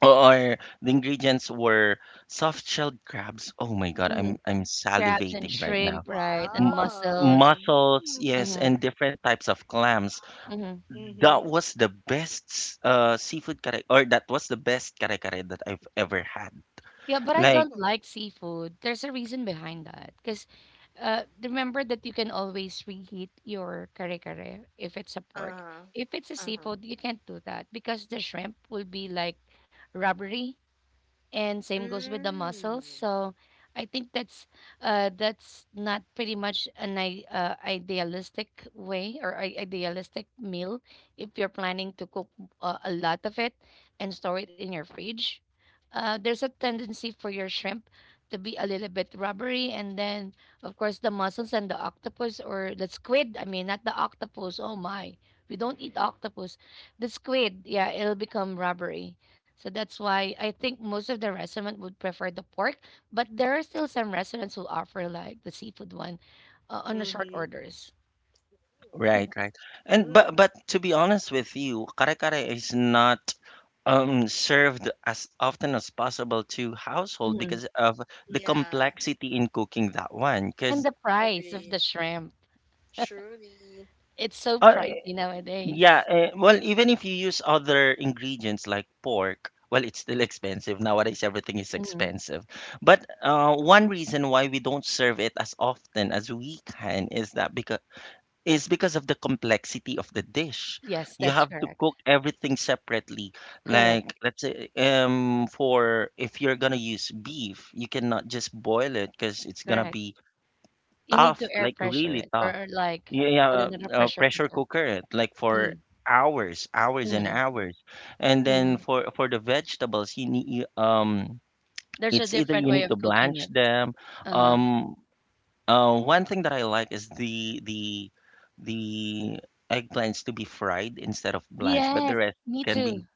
[SPEAKER 1] or the ingredients were soft-shelled crabs. Oh my God,
[SPEAKER 3] mhm.
[SPEAKER 1] I'm
[SPEAKER 3] Crabs and
[SPEAKER 1] salivating right now.
[SPEAKER 3] shrimp, right, and
[SPEAKER 1] M-
[SPEAKER 3] mussels.
[SPEAKER 2] Wow.
[SPEAKER 1] Mussels, yes,
[SPEAKER 3] Mhm,
[SPEAKER 2] Mm.
[SPEAKER 1] and different types of clams.
[SPEAKER 3] mhm.
[SPEAKER 1] That
[SPEAKER 2] Mm-hmm.
[SPEAKER 1] was the best seafood kare, or that was the best kare kare that I've ever had.
[SPEAKER 3] Yeah, but I
[SPEAKER 1] Like
[SPEAKER 3] don't
[SPEAKER 2] Oh.
[SPEAKER 3] like seafood. There's a reason behind that. Because remember that you can always reheat your kare-kare if it's a pork.
[SPEAKER 2] Uh-huh.
[SPEAKER 3] If it's a
[SPEAKER 2] Uh-huh.
[SPEAKER 3] seafood, you can't do that because the shrimp will be like rubbery, and same goes with the muscles.
[SPEAKER 2] Mm.
[SPEAKER 3] So I think that's not pretty much an idealistic way or idealistic meal if you're planning to cook a lot of it and store it in your fridge. Uh, there's a tendency for your shrimp to be a little bit rubbery, and then, of course, the mussels and the octopus or the squid. I mean, not the octopus. Oh my, we don't eat octopus. The squid, yeah, it'll become rubbery. So that's why I think most of the restaurant would prefer the pork, but there are still some restaurants who offer like the seafood one on a short
[SPEAKER 2] Mm-hmm.
[SPEAKER 3] orders.
[SPEAKER 1] right, right. And but
[SPEAKER 2] Mm.
[SPEAKER 1] but to be honest with you, kare kare is not served as often as possible to household
[SPEAKER 3] Mhm.
[SPEAKER 1] because of the
[SPEAKER 2] Yeah,
[SPEAKER 1] complexity in cooking that one.
[SPEAKER 3] And
[SPEAKER 1] Because
[SPEAKER 3] the price of the
[SPEAKER 2] agree.
[SPEAKER 3] shrimp,
[SPEAKER 2] Truly.
[SPEAKER 3] it's so
[SPEAKER 1] uh,
[SPEAKER 3] pricey
[SPEAKER 1] yeah,
[SPEAKER 3] nowadays.
[SPEAKER 1] well, even if you use other ingredients like pork, well, it's still expensive nowadays. Everything is
[SPEAKER 3] Mhm.
[SPEAKER 1] expensive. But one reason why we don't serve it as often as we can is because of the complexity of the dish.
[SPEAKER 3] Yes,
[SPEAKER 1] You
[SPEAKER 3] that's
[SPEAKER 1] have to
[SPEAKER 3] correct.
[SPEAKER 1] cook everything separately.
[SPEAKER 3] Correct.
[SPEAKER 1] Like let's say for if you're gonna use beef, you cannot just boil it because it's gonna
[SPEAKER 3] Correct.
[SPEAKER 1] be
[SPEAKER 3] You need to
[SPEAKER 1] tough,
[SPEAKER 3] air
[SPEAKER 1] like
[SPEAKER 3] pressure
[SPEAKER 1] really
[SPEAKER 3] it,
[SPEAKER 1] tough.
[SPEAKER 3] or like
[SPEAKER 1] Yeah, yeah,
[SPEAKER 3] put it in a pressure
[SPEAKER 1] pressure
[SPEAKER 3] cooker.
[SPEAKER 1] cooker it like for
[SPEAKER 3] Mm,
[SPEAKER 1] hours, hours and
[SPEAKER 3] mm,
[SPEAKER 1] hours. And then
[SPEAKER 3] mm.
[SPEAKER 1] for the vegetables,
[SPEAKER 3] There's a
[SPEAKER 1] it's either
[SPEAKER 3] different
[SPEAKER 1] you
[SPEAKER 3] way
[SPEAKER 1] need to
[SPEAKER 3] of cooking
[SPEAKER 1] blanch
[SPEAKER 3] it.
[SPEAKER 1] them,
[SPEAKER 3] Uh-huh.
[SPEAKER 1] um one thing that I like is the eggplants to be fried instead of blanched, but the
[SPEAKER 3] Yes,
[SPEAKER 1] rest
[SPEAKER 3] me
[SPEAKER 1] can be
[SPEAKER 3] too.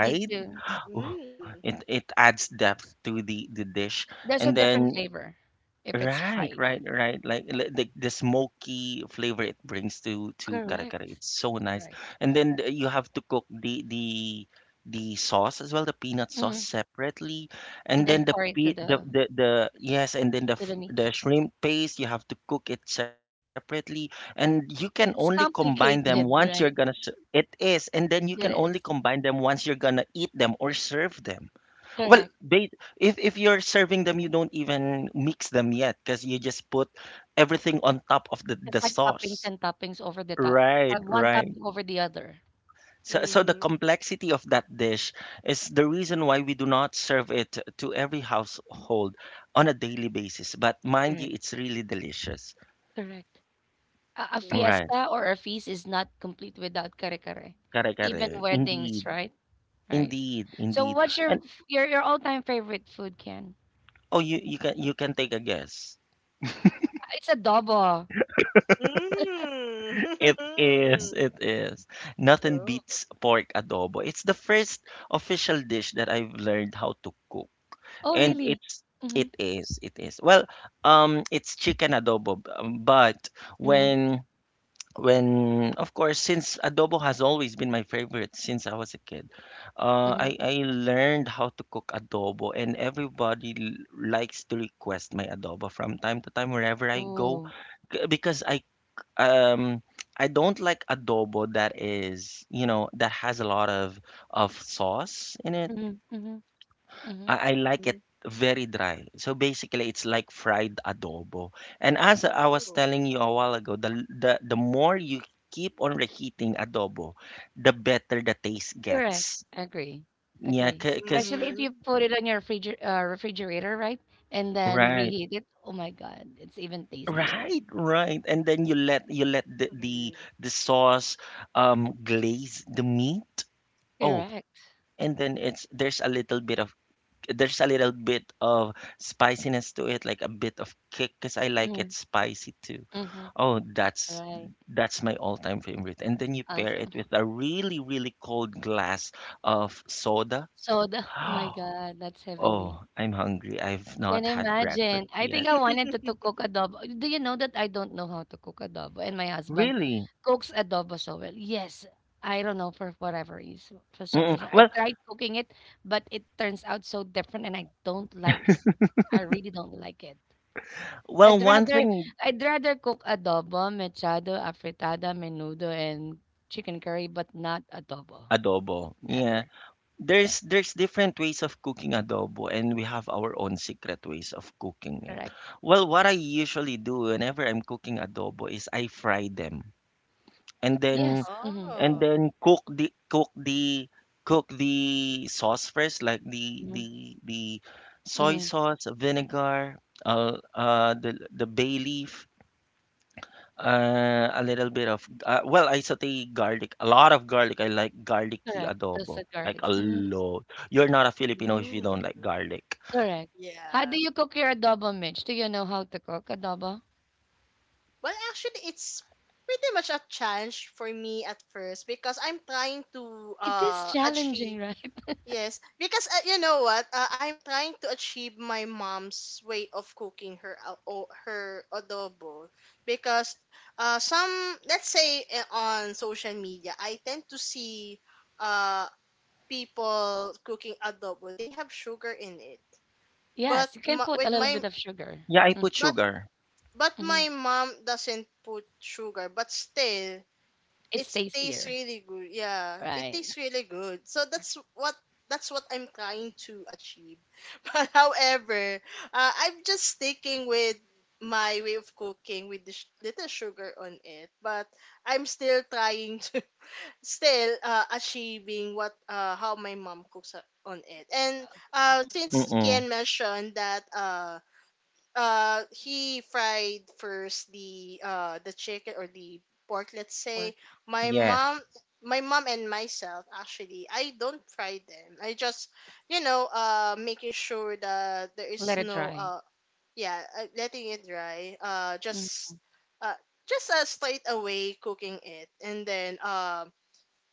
[SPEAKER 3] Me too.
[SPEAKER 2] Mm.
[SPEAKER 1] It adds depth to the dish,
[SPEAKER 3] There's a
[SPEAKER 1] and
[SPEAKER 3] different
[SPEAKER 1] then
[SPEAKER 3] flavor if it's
[SPEAKER 1] right,
[SPEAKER 3] fried.
[SPEAKER 1] right, right. Like the smoky flavor it brings to kare kare.
[SPEAKER 3] Correct.
[SPEAKER 1] It's so nice.
[SPEAKER 3] Correct.
[SPEAKER 1] And then you have to cook the sauce as well, the peanut
[SPEAKER 3] Mm.
[SPEAKER 1] sauce separately,
[SPEAKER 3] And
[SPEAKER 1] and
[SPEAKER 3] then
[SPEAKER 1] then the
[SPEAKER 3] pour it
[SPEAKER 1] pe the, the the yes, and then
[SPEAKER 3] to the
[SPEAKER 1] the
[SPEAKER 3] meat.
[SPEAKER 1] shrimp paste you have to cook it separately, and you can only
[SPEAKER 3] It's
[SPEAKER 1] combine them once
[SPEAKER 3] complicated,
[SPEAKER 1] you're gonna
[SPEAKER 3] right?
[SPEAKER 1] ser- it is, and then you can
[SPEAKER 3] It
[SPEAKER 1] only
[SPEAKER 3] is.
[SPEAKER 1] combine them once you're gonna eat them or serve them. Well,
[SPEAKER 3] Correct.
[SPEAKER 1] they if you're serving them, you don't even mix them yet because you just put everything on top of the
[SPEAKER 3] It's
[SPEAKER 1] the
[SPEAKER 3] like toppings
[SPEAKER 1] sauce.
[SPEAKER 3] and toppings over the top.
[SPEAKER 1] Right,
[SPEAKER 3] One
[SPEAKER 1] right.
[SPEAKER 3] topping over the other.
[SPEAKER 1] So so the
[SPEAKER 2] Mm-hmm.
[SPEAKER 1] complexity of that dish is the reason why we do not serve it to every household on a daily basis. But mind you,
[SPEAKER 3] Correct.
[SPEAKER 1] it's really delicious.
[SPEAKER 3] Correct. A
[SPEAKER 1] Right.
[SPEAKER 2] Ooh.
[SPEAKER 3] fiesta or a feast is not complete without kare kare.
[SPEAKER 1] Kare kare.
[SPEAKER 3] Even weddings,
[SPEAKER 1] Indeed.
[SPEAKER 3] right? Right.
[SPEAKER 1] Indeed.
[SPEAKER 3] So
[SPEAKER 1] Indeed.
[SPEAKER 3] what's your
[SPEAKER 1] And
[SPEAKER 3] your all-time favorite food, Ken?
[SPEAKER 1] oh, you can you can take a guess.
[SPEAKER 3] It's adobo.
[SPEAKER 1] It
[SPEAKER 2] Mm.
[SPEAKER 1] is, it is. Nothing
[SPEAKER 2] [LAUGHS] Oh.
[SPEAKER 1] beats pork adobo. It's the first official dish that I've learned how to cook.
[SPEAKER 3] Oh,
[SPEAKER 1] And
[SPEAKER 3] really?
[SPEAKER 1] it's
[SPEAKER 3] Mm-hmm.
[SPEAKER 1] it is, it is. Well, it's chicken adobo, but
[SPEAKER 3] Mm-hmm.
[SPEAKER 1] when when of course since adobo has always been my favorite since I was a kid, uh
[SPEAKER 3] Mm-hmm.
[SPEAKER 1] I I learned how to cook adobo and everybody likes to request my adobo from time to time wherever I go
[SPEAKER 3] Ooh.
[SPEAKER 1] because um I don't like adobo that is, you know, that has a lot of sauce in it.
[SPEAKER 3] Mm-hmm. Mm-hmm.
[SPEAKER 1] I like it
[SPEAKER 2] Mhm.
[SPEAKER 1] very dry. So basically it's like fried adobo. And as I was
[SPEAKER 2] Ooh.
[SPEAKER 1] telling you a while ago, the more you keep on reheating adobo, the better the taste
[SPEAKER 3] Correct.
[SPEAKER 1] gets.
[SPEAKER 3] Agree.
[SPEAKER 1] Yeah,
[SPEAKER 3] Agree.
[SPEAKER 1] because
[SPEAKER 3] Especially if you
[SPEAKER 2] Mhm.
[SPEAKER 3] put it on your refrigerator, right? And then
[SPEAKER 1] right.
[SPEAKER 3] reheat it. Oh my God, it's even tastier.
[SPEAKER 1] Right, right. And then you let the
[SPEAKER 2] Mhm.
[SPEAKER 1] the sauce glaze the meat. Oh,
[SPEAKER 3] Correct.
[SPEAKER 1] and then it's there's a little bit of there's a little bit of spiciness to it, like a bit of kick, because I like it spicy too.
[SPEAKER 3] Mm-hmm.
[SPEAKER 1] Oh,
[SPEAKER 3] Right.
[SPEAKER 1] that's my all-time favorite. And then you pair it
[SPEAKER 3] Awesome.
[SPEAKER 1] with a really, really cold glass of soda.
[SPEAKER 3] Soda. Oh my
[SPEAKER 1] [GASPS]
[SPEAKER 3] God, that's heavenly.
[SPEAKER 1] Oh, I'm hungry. I've
[SPEAKER 3] Can
[SPEAKER 1] not had breakfast
[SPEAKER 3] imagine. I
[SPEAKER 1] yet.
[SPEAKER 3] think I wanted to
[SPEAKER 2] [LAUGHS]
[SPEAKER 3] cook adobo. Do you know that I don't know how to cook adobo? And my husband
[SPEAKER 1] Really?
[SPEAKER 3] cooks adobo so well. Yes, I don't know for whatever reason, for some
[SPEAKER 1] Mm-mm.
[SPEAKER 3] reason. I
[SPEAKER 1] Well,
[SPEAKER 3] tried cooking it, but it turns out so different and I don't like it. I really don't like it.
[SPEAKER 1] well,
[SPEAKER 3] I'd
[SPEAKER 1] one
[SPEAKER 3] rather
[SPEAKER 1] thing,
[SPEAKER 3] I'd rather cook adobo, mechado, afritada, menudo, and chicken curry, but not adobo.
[SPEAKER 1] adobo. Yeah,
[SPEAKER 3] Never.
[SPEAKER 1] there's different ways of cooking adobo and we have our own secret ways of cooking it.
[SPEAKER 3] Correct.
[SPEAKER 1] Well, what I usually do whenever I'm cooking adobo is I fry them and then
[SPEAKER 3] Yes. Mm-hmm.
[SPEAKER 1] and
[SPEAKER 2] Oh.
[SPEAKER 1] then cook the cook the cook the sauce first like the
[SPEAKER 3] Mm-hmm.
[SPEAKER 1] the the soy
[SPEAKER 3] Mm-hmm.
[SPEAKER 1] sauce, vinegar, the bay leaf a little bit of well, I saute garlic, a lot of garlic. I like garlicky
[SPEAKER 3] Correct.
[SPEAKER 1] adobo,
[SPEAKER 3] Toasted
[SPEAKER 1] like a
[SPEAKER 3] garlics. Mm-hmm.
[SPEAKER 1] lot. You're not a Filipino if you
[SPEAKER 2] Mm.
[SPEAKER 1] don't like garlic.
[SPEAKER 3] Correct. How
[SPEAKER 2] Yeah.
[SPEAKER 3] do you cook your adobo, Mitch? Do you know how to cook adobo?
[SPEAKER 2] Well, actually, it's pretty much a challenge for me at first because I'm trying to
[SPEAKER 3] It is challenging,
[SPEAKER 2] achieve.
[SPEAKER 3] right? [LAUGHS]
[SPEAKER 2] Yes, because you know what, I'm trying to achieve my mom's way of cooking her her adobo because some let's say on social media I tend to see uh people cooking adobo, they have sugar in it. But
[SPEAKER 3] Yes, you can
[SPEAKER 2] my,
[SPEAKER 3] put
[SPEAKER 2] with
[SPEAKER 3] a little
[SPEAKER 2] my
[SPEAKER 3] bit of sugar.
[SPEAKER 1] Yeah, I
[SPEAKER 3] Mm,
[SPEAKER 1] put
[SPEAKER 2] but
[SPEAKER 1] sugar.
[SPEAKER 2] but
[SPEAKER 3] mm-hmm.
[SPEAKER 2] my mom doesn't put sugar, but still it
[SPEAKER 3] It's
[SPEAKER 2] tastes
[SPEAKER 3] tastier,
[SPEAKER 2] really good. Yeah, it
[SPEAKER 3] right?
[SPEAKER 2] tastes really good. So that's what I'm trying to achieve. [LAUGHS] But however, I'm just sticking with my way of cooking with the little sugar on it. But I'm still trying [LAUGHS] to still achieving what how my mom cooks up on it. And since
[SPEAKER 1] Mm-mm.
[SPEAKER 2] Kian mentioned that he fried first the chicken or the pork, let's
[SPEAKER 3] Or
[SPEAKER 2] say my
[SPEAKER 1] Yeah,
[SPEAKER 2] mom. My mom and myself actually, I don't fry them. I just, you know, making sure that there is
[SPEAKER 3] let it
[SPEAKER 2] no,
[SPEAKER 3] dry.
[SPEAKER 2] yeah, letting it dry.
[SPEAKER 3] Mm,
[SPEAKER 2] Just, uh, just straight away cooking it, and then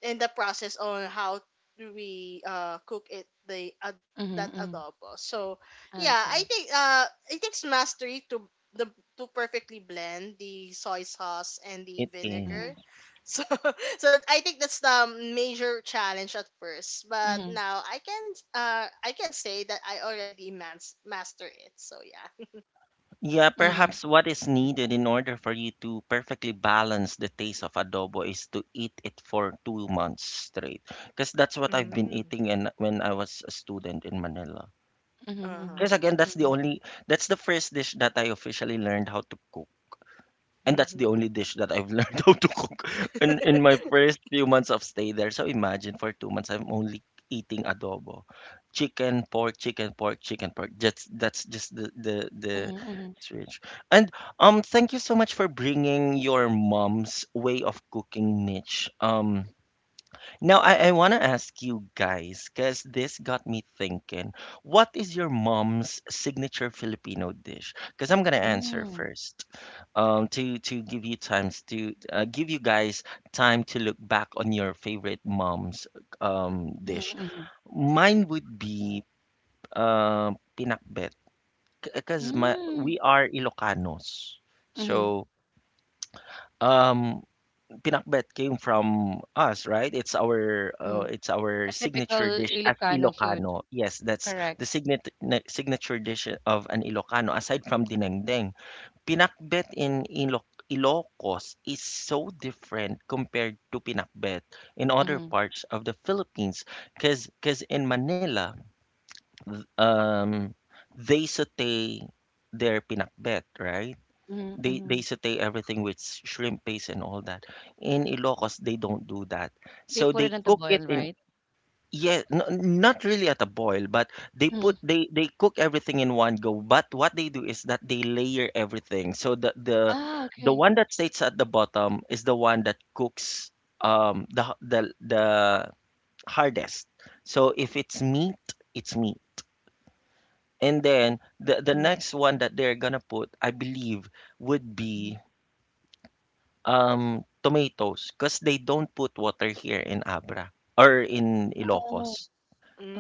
[SPEAKER 2] and the process on how do we cook it the ad
[SPEAKER 3] mm-hmm,
[SPEAKER 2] that
[SPEAKER 3] mm-hmm.
[SPEAKER 2] adobo. So yeah, I
[SPEAKER 3] Okay.
[SPEAKER 2] think it takes mastery to the to perfectly blend the soy sauce and the
[SPEAKER 1] it
[SPEAKER 3] Mm-hmm.
[SPEAKER 1] is.
[SPEAKER 2] vinegar. So [LAUGHS] so I think that's the major challenge at first, but
[SPEAKER 3] Mm-hmm.
[SPEAKER 2] now I can say that I already master it. So yeah.
[SPEAKER 1] Yeah,
[SPEAKER 3] Mm-hmm.
[SPEAKER 1] perhaps what is needed in order for you to perfectly balance the taste of adobo is to eat it for 2 months straight. Because that's what I've been
[SPEAKER 2] Mm-hmm.
[SPEAKER 1] eating and when I was a student in Manila. Because
[SPEAKER 2] Uh-huh.
[SPEAKER 1] again,
[SPEAKER 3] Mm-hmm.
[SPEAKER 1] that's the first dish that I officially learned how to cook. And that's the
[SPEAKER 2] Mm-hmm.
[SPEAKER 1] only dish that I've [LAUGHS] learned how to cook [LAUGHS] in my first few months of stay there. So imagine for 2 months I'm only eating adobo, chicken, pork, chicken, pork, chicken, pork. That's just the
[SPEAKER 3] Mm-hmm. Mm-hmm.
[SPEAKER 1] switch. And thank you so much for bringing your mom's way of cooking, Mitch. Now, I want to ask you guys, because this got me thinking, what is your mom's signature Filipino dish? Because I'm going to answer
[SPEAKER 3] Mm-hmm.
[SPEAKER 1] first, to give you times to give you guys time to look back on your favorite mom's dish.
[SPEAKER 3] Mm-hmm.
[SPEAKER 1] Mine would be uh, pinakbet, because my
[SPEAKER 3] Mm-hmm.
[SPEAKER 1] we are Ilocanos.
[SPEAKER 3] Mm-hmm,
[SPEAKER 1] So, um, pinakbet came from us, right?
[SPEAKER 3] mm-hmm.
[SPEAKER 1] It's our
[SPEAKER 3] A
[SPEAKER 1] signature
[SPEAKER 3] typical
[SPEAKER 1] dish as
[SPEAKER 3] Ilocano food,
[SPEAKER 1] Ilocano. Yes, that's
[SPEAKER 3] correct?
[SPEAKER 1] the signature signature dish of an Ilocano aside from dinengdeng. Pinakbet in Ilocos is so different compared to pinakbet in other
[SPEAKER 3] Mm-hmm.
[SPEAKER 1] parts of the Philippines cuz in Manila th- um they saute their pinakbet, right?
[SPEAKER 3] Mm-hmm.
[SPEAKER 1] They
[SPEAKER 3] Mm-hmm.
[SPEAKER 1] they saute everything with shrimp paste and all that. In Ilocos, they don't do that.
[SPEAKER 3] They
[SPEAKER 1] So
[SPEAKER 3] put it
[SPEAKER 1] they
[SPEAKER 3] on the
[SPEAKER 1] cook
[SPEAKER 3] boil,
[SPEAKER 1] it in
[SPEAKER 3] right?
[SPEAKER 1] yeah, not really at a boil, but they
[SPEAKER 3] Mm-hmm.
[SPEAKER 1] put they cook everything in one go. But what they do is that they layer everything. So the the
[SPEAKER 3] Ah,
[SPEAKER 1] the
[SPEAKER 3] okay.
[SPEAKER 1] one that stays at the bottom is the one that cooks the h- the hardest. So if it's meat, it's meat. And then the
[SPEAKER 3] Mm-hmm.
[SPEAKER 1] next one that they're gonna put, I believe, would
[SPEAKER 3] Mhm.
[SPEAKER 1] be Um, cause they don't put water here in Abra or in
[SPEAKER 3] Oh,
[SPEAKER 1] Ilocos.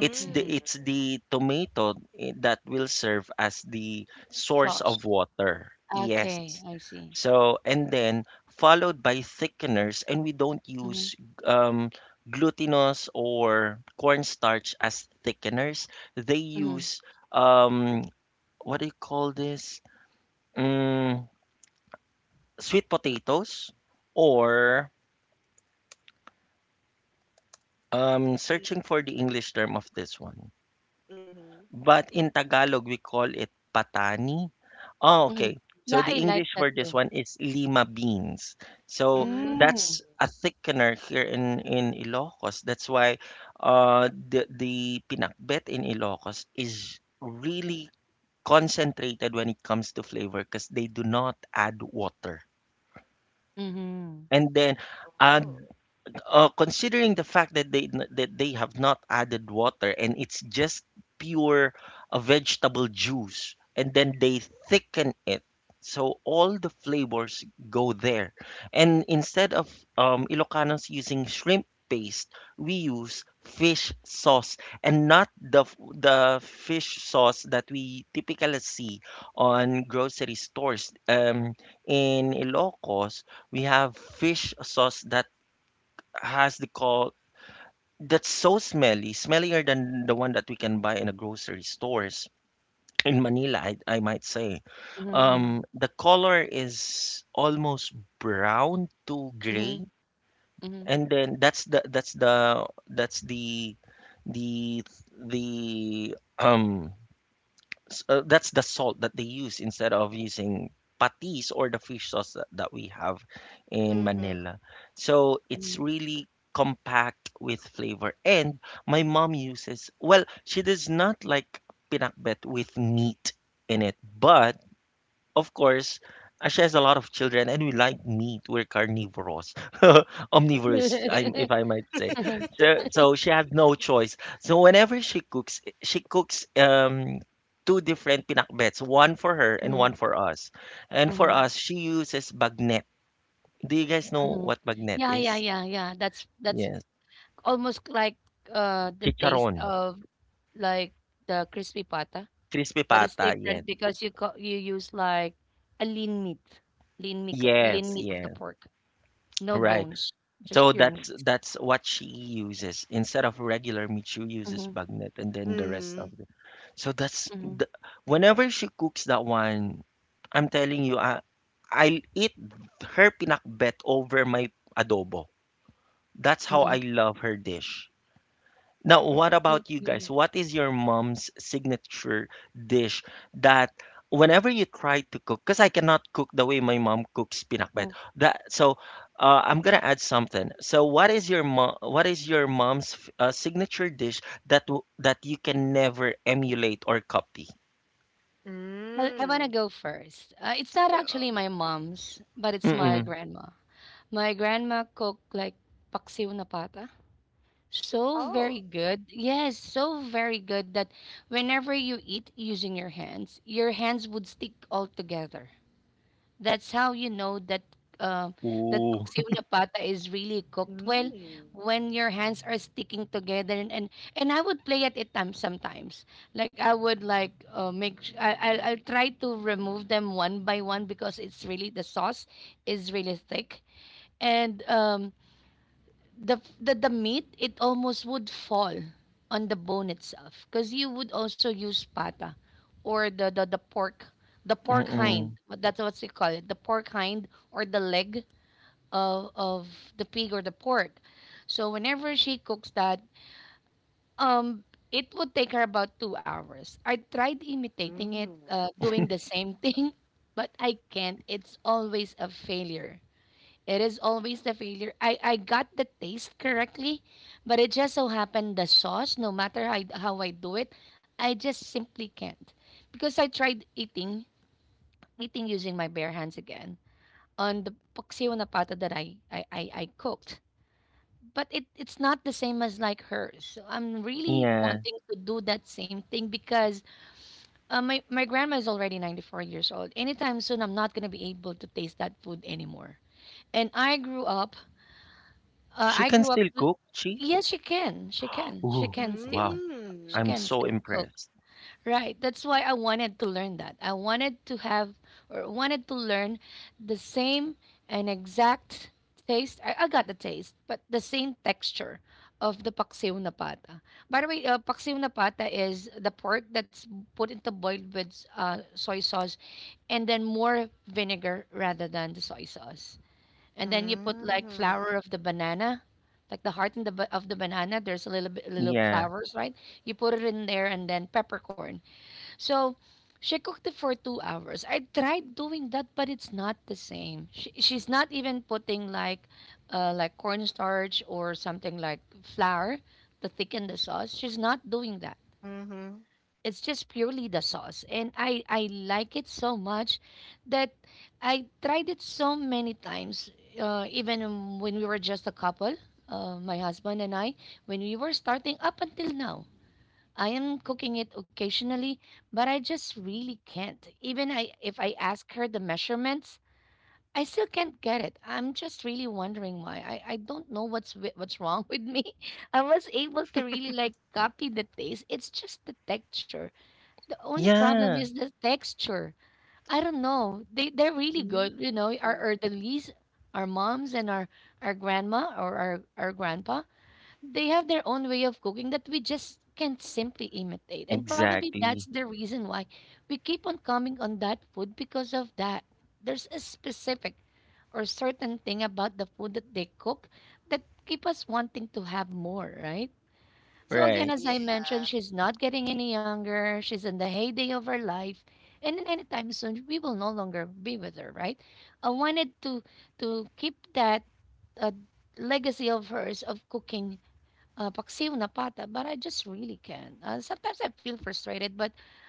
[SPEAKER 1] It's the tomato that will serve as the source of
[SPEAKER 3] Sauce.
[SPEAKER 1] water. Yes.
[SPEAKER 3] Okay, I see.
[SPEAKER 1] So, and then followed by thickeners, and we don't
[SPEAKER 3] Mhm,
[SPEAKER 1] use um, glutinous or cornstarch as thickeners. They
[SPEAKER 3] mhm,
[SPEAKER 1] use um, what do you call this? Mm, sweet potatoes or searching for the English term of this one.
[SPEAKER 2] Mhm.
[SPEAKER 1] But in Tagalog, we call it patani. Oh,
[SPEAKER 3] mhm.
[SPEAKER 1] okay. So
[SPEAKER 3] Yeah,
[SPEAKER 1] the
[SPEAKER 3] I like
[SPEAKER 1] English
[SPEAKER 3] that
[SPEAKER 1] for
[SPEAKER 3] too.
[SPEAKER 1] this one is lima beans. So
[SPEAKER 2] Mm.
[SPEAKER 3] Mm.
[SPEAKER 1] that's a thickener here in Ilocos. That's why the pinakbet in Ilocos is really concentrated when it comes to flavor because they do not add water.
[SPEAKER 3] Mhm.
[SPEAKER 1] And then uh,
[SPEAKER 2] Oh.
[SPEAKER 1] considering the fact that they have not added water and it's just pure vegetable juice and then they thicken it so all the flavors go there and instead of Ilocanos using shrimp paste we use fish sauce and not the fish sauce that we typically see on grocery stores in Ilocos we have fish sauce that has the call that's so smelly, smellier than the one that we can buy in the grocery stores in Manila, I might say.
[SPEAKER 3] Mhm,
[SPEAKER 1] The color is almost brown to
[SPEAKER 3] mhm, mhm,
[SPEAKER 1] gray,
[SPEAKER 3] mhm, mhm.
[SPEAKER 1] and then that's the that's the that's the the s- that's the salt that they use instead of using patis or the fish sauce that, that we have in
[SPEAKER 2] Mhm.
[SPEAKER 1] Manila. So it's really compact with flavor. And my mom uses, well, she does not like pinakbet with meat in it, but of course, she has a lot of children, and we like meat. We're carnivorous, [LAUGHS] omnivorous, I'm, if
[SPEAKER 3] Mhm,
[SPEAKER 1] I might say. So, so she has no choice. So whenever she cooks two different pinakbets, one for her and one for us. And for
[SPEAKER 3] mhm,
[SPEAKER 1] us, she uses bagnet. Do you guys know
[SPEAKER 3] mhm.
[SPEAKER 1] what
[SPEAKER 3] [LAUGHS]
[SPEAKER 1] bagnet
[SPEAKER 3] Yeah, yeah,
[SPEAKER 1] is?
[SPEAKER 3] yeah, yeah. That's
[SPEAKER 1] Yes,
[SPEAKER 3] almost like the taste
[SPEAKER 1] chicharon,
[SPEAKER 3] of like the crispy pata,
[SPEAKER 1] crispy
[SPEAKER 3] but it's
[SPEAKER 1] pata. Yes,
[SPEAKER 3] different because you co you use like a lean meat, lean
[SPEAKER 1] yes,
[SPEAKER 3] meat of the
[SPEAKER 1] yes.
[SPEAKER 3] pork, no
[SPEAKER 1] Right.
[SPEAKER 3] bones, just
[SPEAKER 1] So
[SPEAKER 3] pure meat.
[SPEAKER 1] that's what she uses instead of regular meat. She uses
[SPEAKER 3] Mhm.
[SPEAKER 1] bagnet and then the rest of
[SPEAKER 2] Mhm.
[SPEAKER 1] the. So that's
[SPEAKER 3] Mhm,
[SPEAKER 1] the, whenever she cooks that one, I'm telling you, I'll eat her pinakbet over my adobo. That's how
[SPEAKER 3] mhm.
[SPEAKER 1] I love her dish. Now, what about you guys?
[SPEAKER 3] Okay.
[SPEAKER 1] What is your mom's signature dish that whenever you try to cook, because I cannot cook the way my mom cooks pinakbet. That so, I'm gonna add something. So, what is your mom? What is your mom's signature dish that that you can never emulate or copy?
[SPEAKER 3] I want to
[SPEAKER 2] Mm.
[SPEAKER 3] go first. It's not
[SPEAKER 2] Yeah.
[SPEAKER 3] actually my mom's, but it's my
[SPEAKER 1] Mm-mm.
[SPEAKER 3] grandma. My grandma cooked like paksiw na pata. So
[SPEAKER 2] Oh.
[SPEAKER 3] very good. Yes, so very good that whenever you eat using your hands would stick all together. That's how you know that uh, that
[SPEAKER 1] Ooh.
[SPEAKER 3] paksiw na pata is really cooked well
[SPEAKER 2] Mm.
[SPEAKER 3] when your hands are sticking together and I would play at it time sometimes like I would like make I'll try to remove them one by one because it's really the sauce is really thick, and the meat it almost would fall on the bone itself, because you would also use pata or the pork, the
[SPEAKER 1] [LAUGHS]
[SPEAKER 3] pork hind.
[SPEAKER 1] Mm-mm.
[SPEAKER 3] But that's what they call it, the pork hind or the leg of the pig or the pork. So whenever she cooks that, um it would take her about 2 hours. I tried imitating it,
[SPEAKER 2] Mm.
[SPEAKER 3] doing the same [LAUGHS] thing, but I can't. It's always a failure. It is always the failure. I got the taste correctly, but it just so happened the sauce, no matter how I do it, I just simply can't. Because I tried eating, eating using my bare hands again on the poxio na pata that I cooked. But it, it's not the same as like hers. So I'm really
[SPEAKER 1] Yeah,
[SPEAKER 3] wanting to do that same thing because my grandma is already 94 years old. Anytime soon, I'm not going to be able to taste that food anymore. And I grew up.
[SPEAKER 1] she
[SPEAKER 3] I
[SPEAKER 1] can
[SPEAKER 3] grew up
[SPEAKER 1] still
[SPEAKER 3] w
[SPEAKER 1] cook. She.
[SPEAKER 3] yes, she can. She can. She
[SPEAKER 1] Ooh,
[SPEAKER 3] can
[SPEAKER 1] wow!
[SPEAKER 3] still.
[SPEAKER 2] Mm.
[SPEAKER 3] She
[SPEAKER 1] I'm
[SPEAKER 3] can
[SPEAKER 1] so
[SPEAKER 3] still cook.
[SPEAKER 1] impressed.
[SPEAKER 3] Right. That's why I wanted to learn that. I wanted to have or wanted to learn the same and exact taste. I got the taste, but the same texture of the paksiw na pata. By the way, paksiw na pata is the pork that's put into boiled with soy sauce, and then more vinegar rather than the soy sauce. And then you put like
[SPEAKER 2] Mm.
[SPEAKER 3] flower of the banana, like the heart and the of the banana. There's a little bit little
[SPEAKER 1] Yeah,
[SPEAKER 3] flowers, right? You put it in there and then peppercorn. So she cooked it for 2 hours. I tried doing that, but it's not the same. She's not even putting like cornstarch or something like flour to thicken the sauce. She's not doing that.
[SPEAKER 2] Mhm.
[SPEAKER 3] It's just purely the sauce. And I like it so much that I tried it so many times, even when we were just a couple, my husband and I, when we were starting up until now. I am cooking it occasionally, but I just really can't. Even if I ask her the measurements, I still can't get it. I'm just really wondering why. I don't know what's what's [LAUGHS] wrong with me. [LAUGHS] I was able to really like copy the taste. It's just the texture, the only problem
[SPEAKER 1] yeah,
[SPEAKER 3] is the texture. I don't know. They're really
[SPEAKER 2] Mm.
[SPEAKER 3] good, you know. Our elderlies, our moms, and our grandma or our grandpa, they have their own way of cooking that we just can't simply imitate. And probably that's
[SPEAKER 1] exactly.
[SPEAKER 3] the reason why we keep on coming on that food because of that. There's a specific or certain thing about the food that they cook that keep us wanting to have more, right? So again,
[SPEAKER 1] Right.
[SPEAKER 3] as I
[SPEAKER 2] Yeah.
[SPEAKER 3] mentioned, she's not getting any younger. She's in the heyday of her life, and then anytime soon, we will no longer be with her, right? I wanted to keep that uh, legacy of hers of cooking paksiw na pata, but I just really can't. Sometimes I feel frustrated, but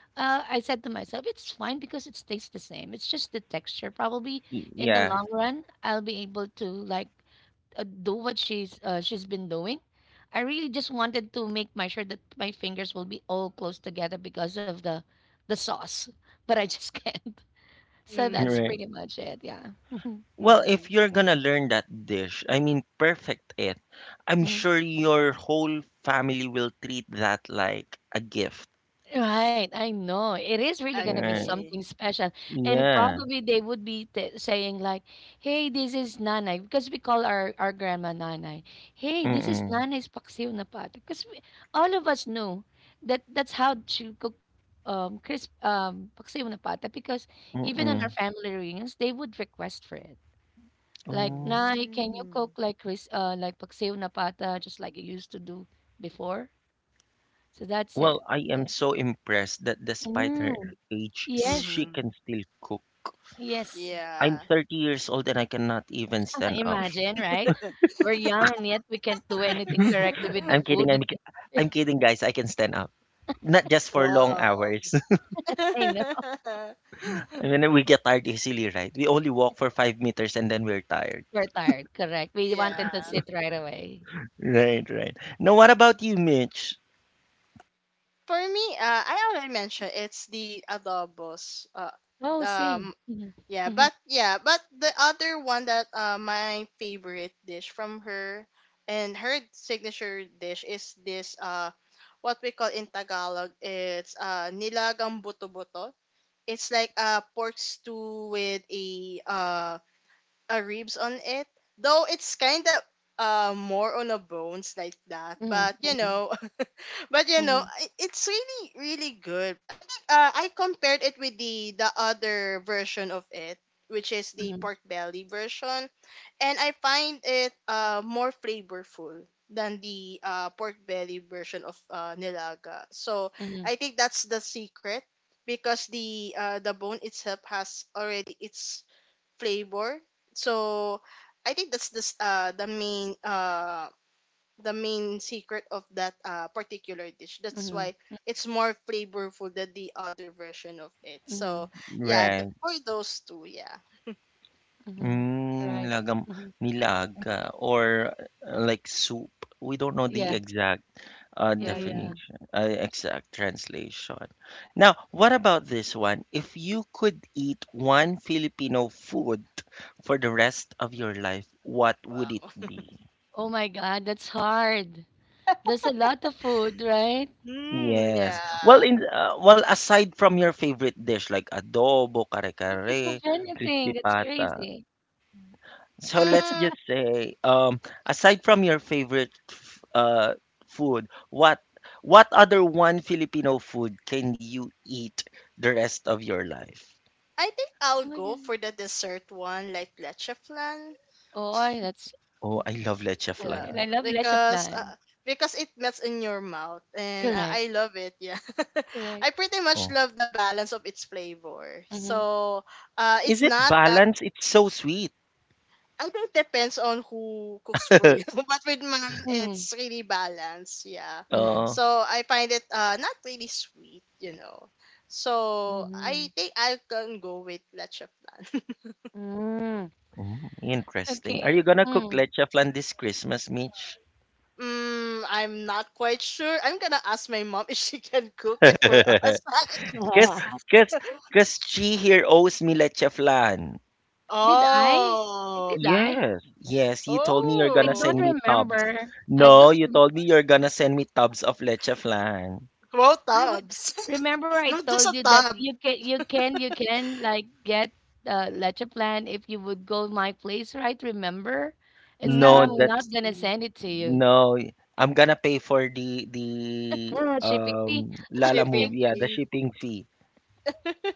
[SPEAKER 3] I said to myself, it's fine because it stays the same. It's just the texture. Probably in the
[SPEAKER 1] Yeah,
[SPEAKER 3] long run, I'll be able to like do what she's been doing. I really just wanted to make my sure that my fingers will be all close together because of the sauce, but I just [LAUGHS] can't. So that's
[SPEAKER 2] Mm.
[SPEAKER 1] right.
[SPEAKER 3] pretty much it. Yeah.
[SPEAKER 1] Well, if
[SPEAKER 2] Mm.
[SPEAKER 1] you're gonna learn that dish, I mean, perfect it. I'm sure
[SPEAKER 3] [LAUGHS]
[SPEAKER 1] your whole family will treat that like a gift.
[SPEAKER 3] Right, I know. It is really gonna be
[SPEAKER 1] Right.
[SPEAKER 2] Agree.
[SPEAKER 3] something special. And
[SPEAKER 1] Yeah.
[SPEAKER 3] probably they would be t saying like, "Hey, this is Nanay," because we call our grandma Nanay. "Hey, this is
[SPEAKER 1] Mm-mm.
[SPEAKER 3] Nanay's paksiw na pato." All of us knew that that's how she cook crisp paksiw na pato, because even on our
[SPEAKER 1] Mm-mm.
[SPEAKER 3] family reunions, they would request for it. Like,
[SPEAKER 1] Oh.
[SPEAKER 3] "Nay, can you
[SPEAKER 2] Mm.
[SPEAKER 3] cook like cris like paksiw na pata just like you used to do before?" So that's it.
[SPEAKER 1] Well, I am
[SPEAKER 3] So,
[SPEAKER 1] so impressed that despite her
[SPEAKER 3] mm.
[SPEAKER 1] age,
[SPEAKER 3] Yes,
[SPEAKER 1] she
[SPEAKER 2] Mhm.
[SPEAKER 1] can still cook.
[SPEAKER 3] yes.
[SPEAKER 1] I'm
[SPEAKER 2] Yeah.
[SPEAKER 1] 30 years old and I cannot even
[SPEAKER 3] [LAUGHS]
[SPEAKER 1] stand up.
[SPEAKER 3] Imagine, right? We're young and yet we can't do anything correctly with the
[SPEAKER 1] I'm
[SPEAKER 3] food
[SPEAKER 1] kidding.
[SPEAKER 3] that we…
[SPEAKER 1] I'm
[SPEAKER 3] [LAUGHS]
[SPEAKER 1] kidding, guys. I can stand up. Not just for long
[SPEAKER 2] Wow.
[SPEAKER 1] hours.
[SPEAKER 3] I know,
[SPEAKER 2] [LAUGHS]
[SPEAKER 1] And then we get tired easily, right? We only walk for 5 meters and then we're tired.
[SPEAKER 3] we're tired. Correct. We
[SPEAKER 2] Yeah.
[SPEAKER 3] wanted to sit right away.
[SPEAKER 1] Right, right. Now, what about you, Mitch?
[SPEAKER 2] For me, I already mentioned it's the adobos.
[SPEAKER 3] Oh, same.
[SPEAKER 2] Um,
[SPEAKER 3] Mhm,
[SPEAKER 2] Yeah,
[SPEAKER 3] mhm,
[SPEAKER 2] but the other one that my favorite dish from her and her signature dish is this what we call in Tagalog it's nilagang buto-buto. It's like a pork stew with a uh ribs on it. Though it's kind of more on a bones like that, but you
[SPEAKER 3] mhm,
[SPEAKER 2] know, [LAUGHS] but you know,
[SPEAKER 3] mhm,
[SPEAKER 2] it's really really good. I think I compared it with the other version of it, which is the
[SPEAKER 3] mhm,
[SPEAKER 2] pork belly version, and I find it more flavorful than the pork belly version of nilaga. So
[SPEAKER 3] mhm,
[SPEAKER 2] I think that's the secret because the bone itself has already its flavor. So I think that's this the main secret of that particular dish. That's
[SPEAKER 3] mhm,
[SPEAKER 2] why it's more flavorful than the other version of it.
[SPEAKER 3] mhm, mhm.
[SPEAKER 2] So yeah,
[SPEAKER 3] Right.
[SPEAKER 1] Right.
[SPEAKER 2] for those two, yeah.
[SPEAKER 3] Mhm.
[SPEAKER 1] Mm,
[SPEAKER 3] Right.
[SPEAKER 1] milaga,
[SPEAKER 3] Mhm.
[SPEAKER 1] milaga or like soup. We don't know
[SPEAKER 3] Yeah.
[SPEAKER 1] the exact
[SPEAKER 3] Yeah. Yeah.
[SPEAKER 2] Mm,
[SPEAKER 1] definition, exact translation. Now, what about this one? If you could eat one Filipino food for the rest of your life, what would it
[SPEAKER 2] wow.
[SPEAKER 1] be?
[SPEAKER 3] Oh my God, that's hard. There's a lot of food, right?
[SPEAKER 2] Mm,
[SPEAKER 1] Yes. Well,
[SPEAKER 2] yeah.
[SPEAKER 1] aside from your favorite dish like adobo,
[SPEAKER 3] Can't think of
[SPEAKER 1] kare-kare,
[SPEAKER 3] anything.
[SPEAKER 1] crispy
[SPEAKER 3] That's
[SPEAKER 1] pata.
[SPEAKER 3] crazy.
[SPEAKER 1] So let's
[SPEAKER 2] Mm,
[SPEAKER 1] just say, aside from your favorite food, what other one Filipino food can you eat the rest of your life?
[SPEAKER 2] I think I'll
[SPEAKER 3] Oh my
[SPEAKER 2] go
[SPEAKER 3] God.
[SPEAKER 2] for the dessert one, like leche flan.
[SPEAKER 3] That's…
[SPEAKER 1] Oh, I love leche
[SPEAKER 3] Oh,
[SPEAKER 2] Yeah
[SPEAKER 3] and
[SPEAKER 1] flan.
[SPEAKER 3] I love leche
[SPEAKER 2] because
[SPEAKER 3] plan.
[SPEAKER 2] uh, because it melts in your mouth and I
[SPEAKER 3] Correct,
[SPEAKER 2] love it yeah. [LAUGHS] I
[SPEAKER 3] correct.
[SPEAKER 2] pretty much
[SPEAKER 1] Oh,
[SPEAKER 2] love the balance of its flavor
[SPEAKER 3] Mhm,
[SPEAKER 2] so
[SPEAKER 1] is
[SPEAKER 2] it's
[SPEAKER 1] it
[SPEAKER 2] not that
[SPEAKER 1] balanced? It's so sweet.
[SPEAKER 2] I think it depends on who cooks for you [LAUGHS] but with mine
[SPEAKER 3] mhm,
[SPEAKER 2] it's really balanced yeah
[SPEAKER 3] mhm.
[SPEAKER 1] Uh,
[SPEAKER 2] so I find it not really sweet you know so
[SPEAKER 3] Mm-hmm.
[SPEAKER 2] I think I can go with leche plan. [LAUGHS]
[SPEAKER 3] Mm. [LAUGHS]
[SPEAKER 1] interesting. Are
[SPEAKER 3] Okay.
[SPEAKER 1] you gonna cook
[SPEAKER 3] Mm.
[SPEAKER 1] leche flan this Christmas, Mitch?
[SPEAKER 2] Mm, I'm not quite sure. I'm gonna ask my mom [LAUGHS] if she can cook it for
[SPEAKER 1] [LAUGHS]
[SPEAKER 2] us. [LAUGHS]
[SPEAKER 1] 'Cause 'cause 'cause she here owes me lecheflan.
[SPEAKER 3] Did I?
[SPEAKER 2] Oh.
[SPEAKER 3] Did I?
[SPEAKER 1] Yes, yes, you told me you're
[SPEAKER 3] I
[SPEAKER 1] gonna
[SPEAKER 3] don't
[SPEAKER 2] Oh.
[SPEAKER 1] send me tubs.
[SPEAKER 3] remember. I
[SPEAKER 1] No,
[SPEAKER 3] don't.
[SPEAKER 1] you
[SPEAKER 3] Rem-
[SPEAKER 1] told me you're gonna send me tubs of lecheflan.
[SPEAKER 2] Wow,
[SPEAKER 3] I would
[SPEAKER 2] tabs.
[SPEAKER 3] remember.
[SPEAKER 2] [LAUGHS]
[SPEAKER 3] I
[SPEAKER 2] Not just
[SPEAKER 3] told
[SPEAKER 2] a
[SPEAKER 3] you that
[SPEAKER 2] tab.
[SPEAKER 3] you can like get leche plan if you would go my place, right? Remember, it's not.
[SPEAKER 1] No,
[SPEAKER 3] I'm
[SPEAKER 2] Mm.
[SPEAKER 3] not
[SPEAKER 1] that's
[SPEAKER 3] gonna send it to you.
[SPEAKER 1] no. I'm gonna pay for the
[SPEAKER 3] [LAUGHS] Shipping fee.
[SPEAKER 2] The
[SPEAKER 1] Lala
[SPEAKER 2] shipping
[SPEAKER 1] move, yeah,
[SPEAKER 3] [LAUGHS]
[SPEAKER 1] the
[SPEAKER 2] fee.
[SPEAKER 1] shipping fee.
[SPEAKER 2] [LAUGHS]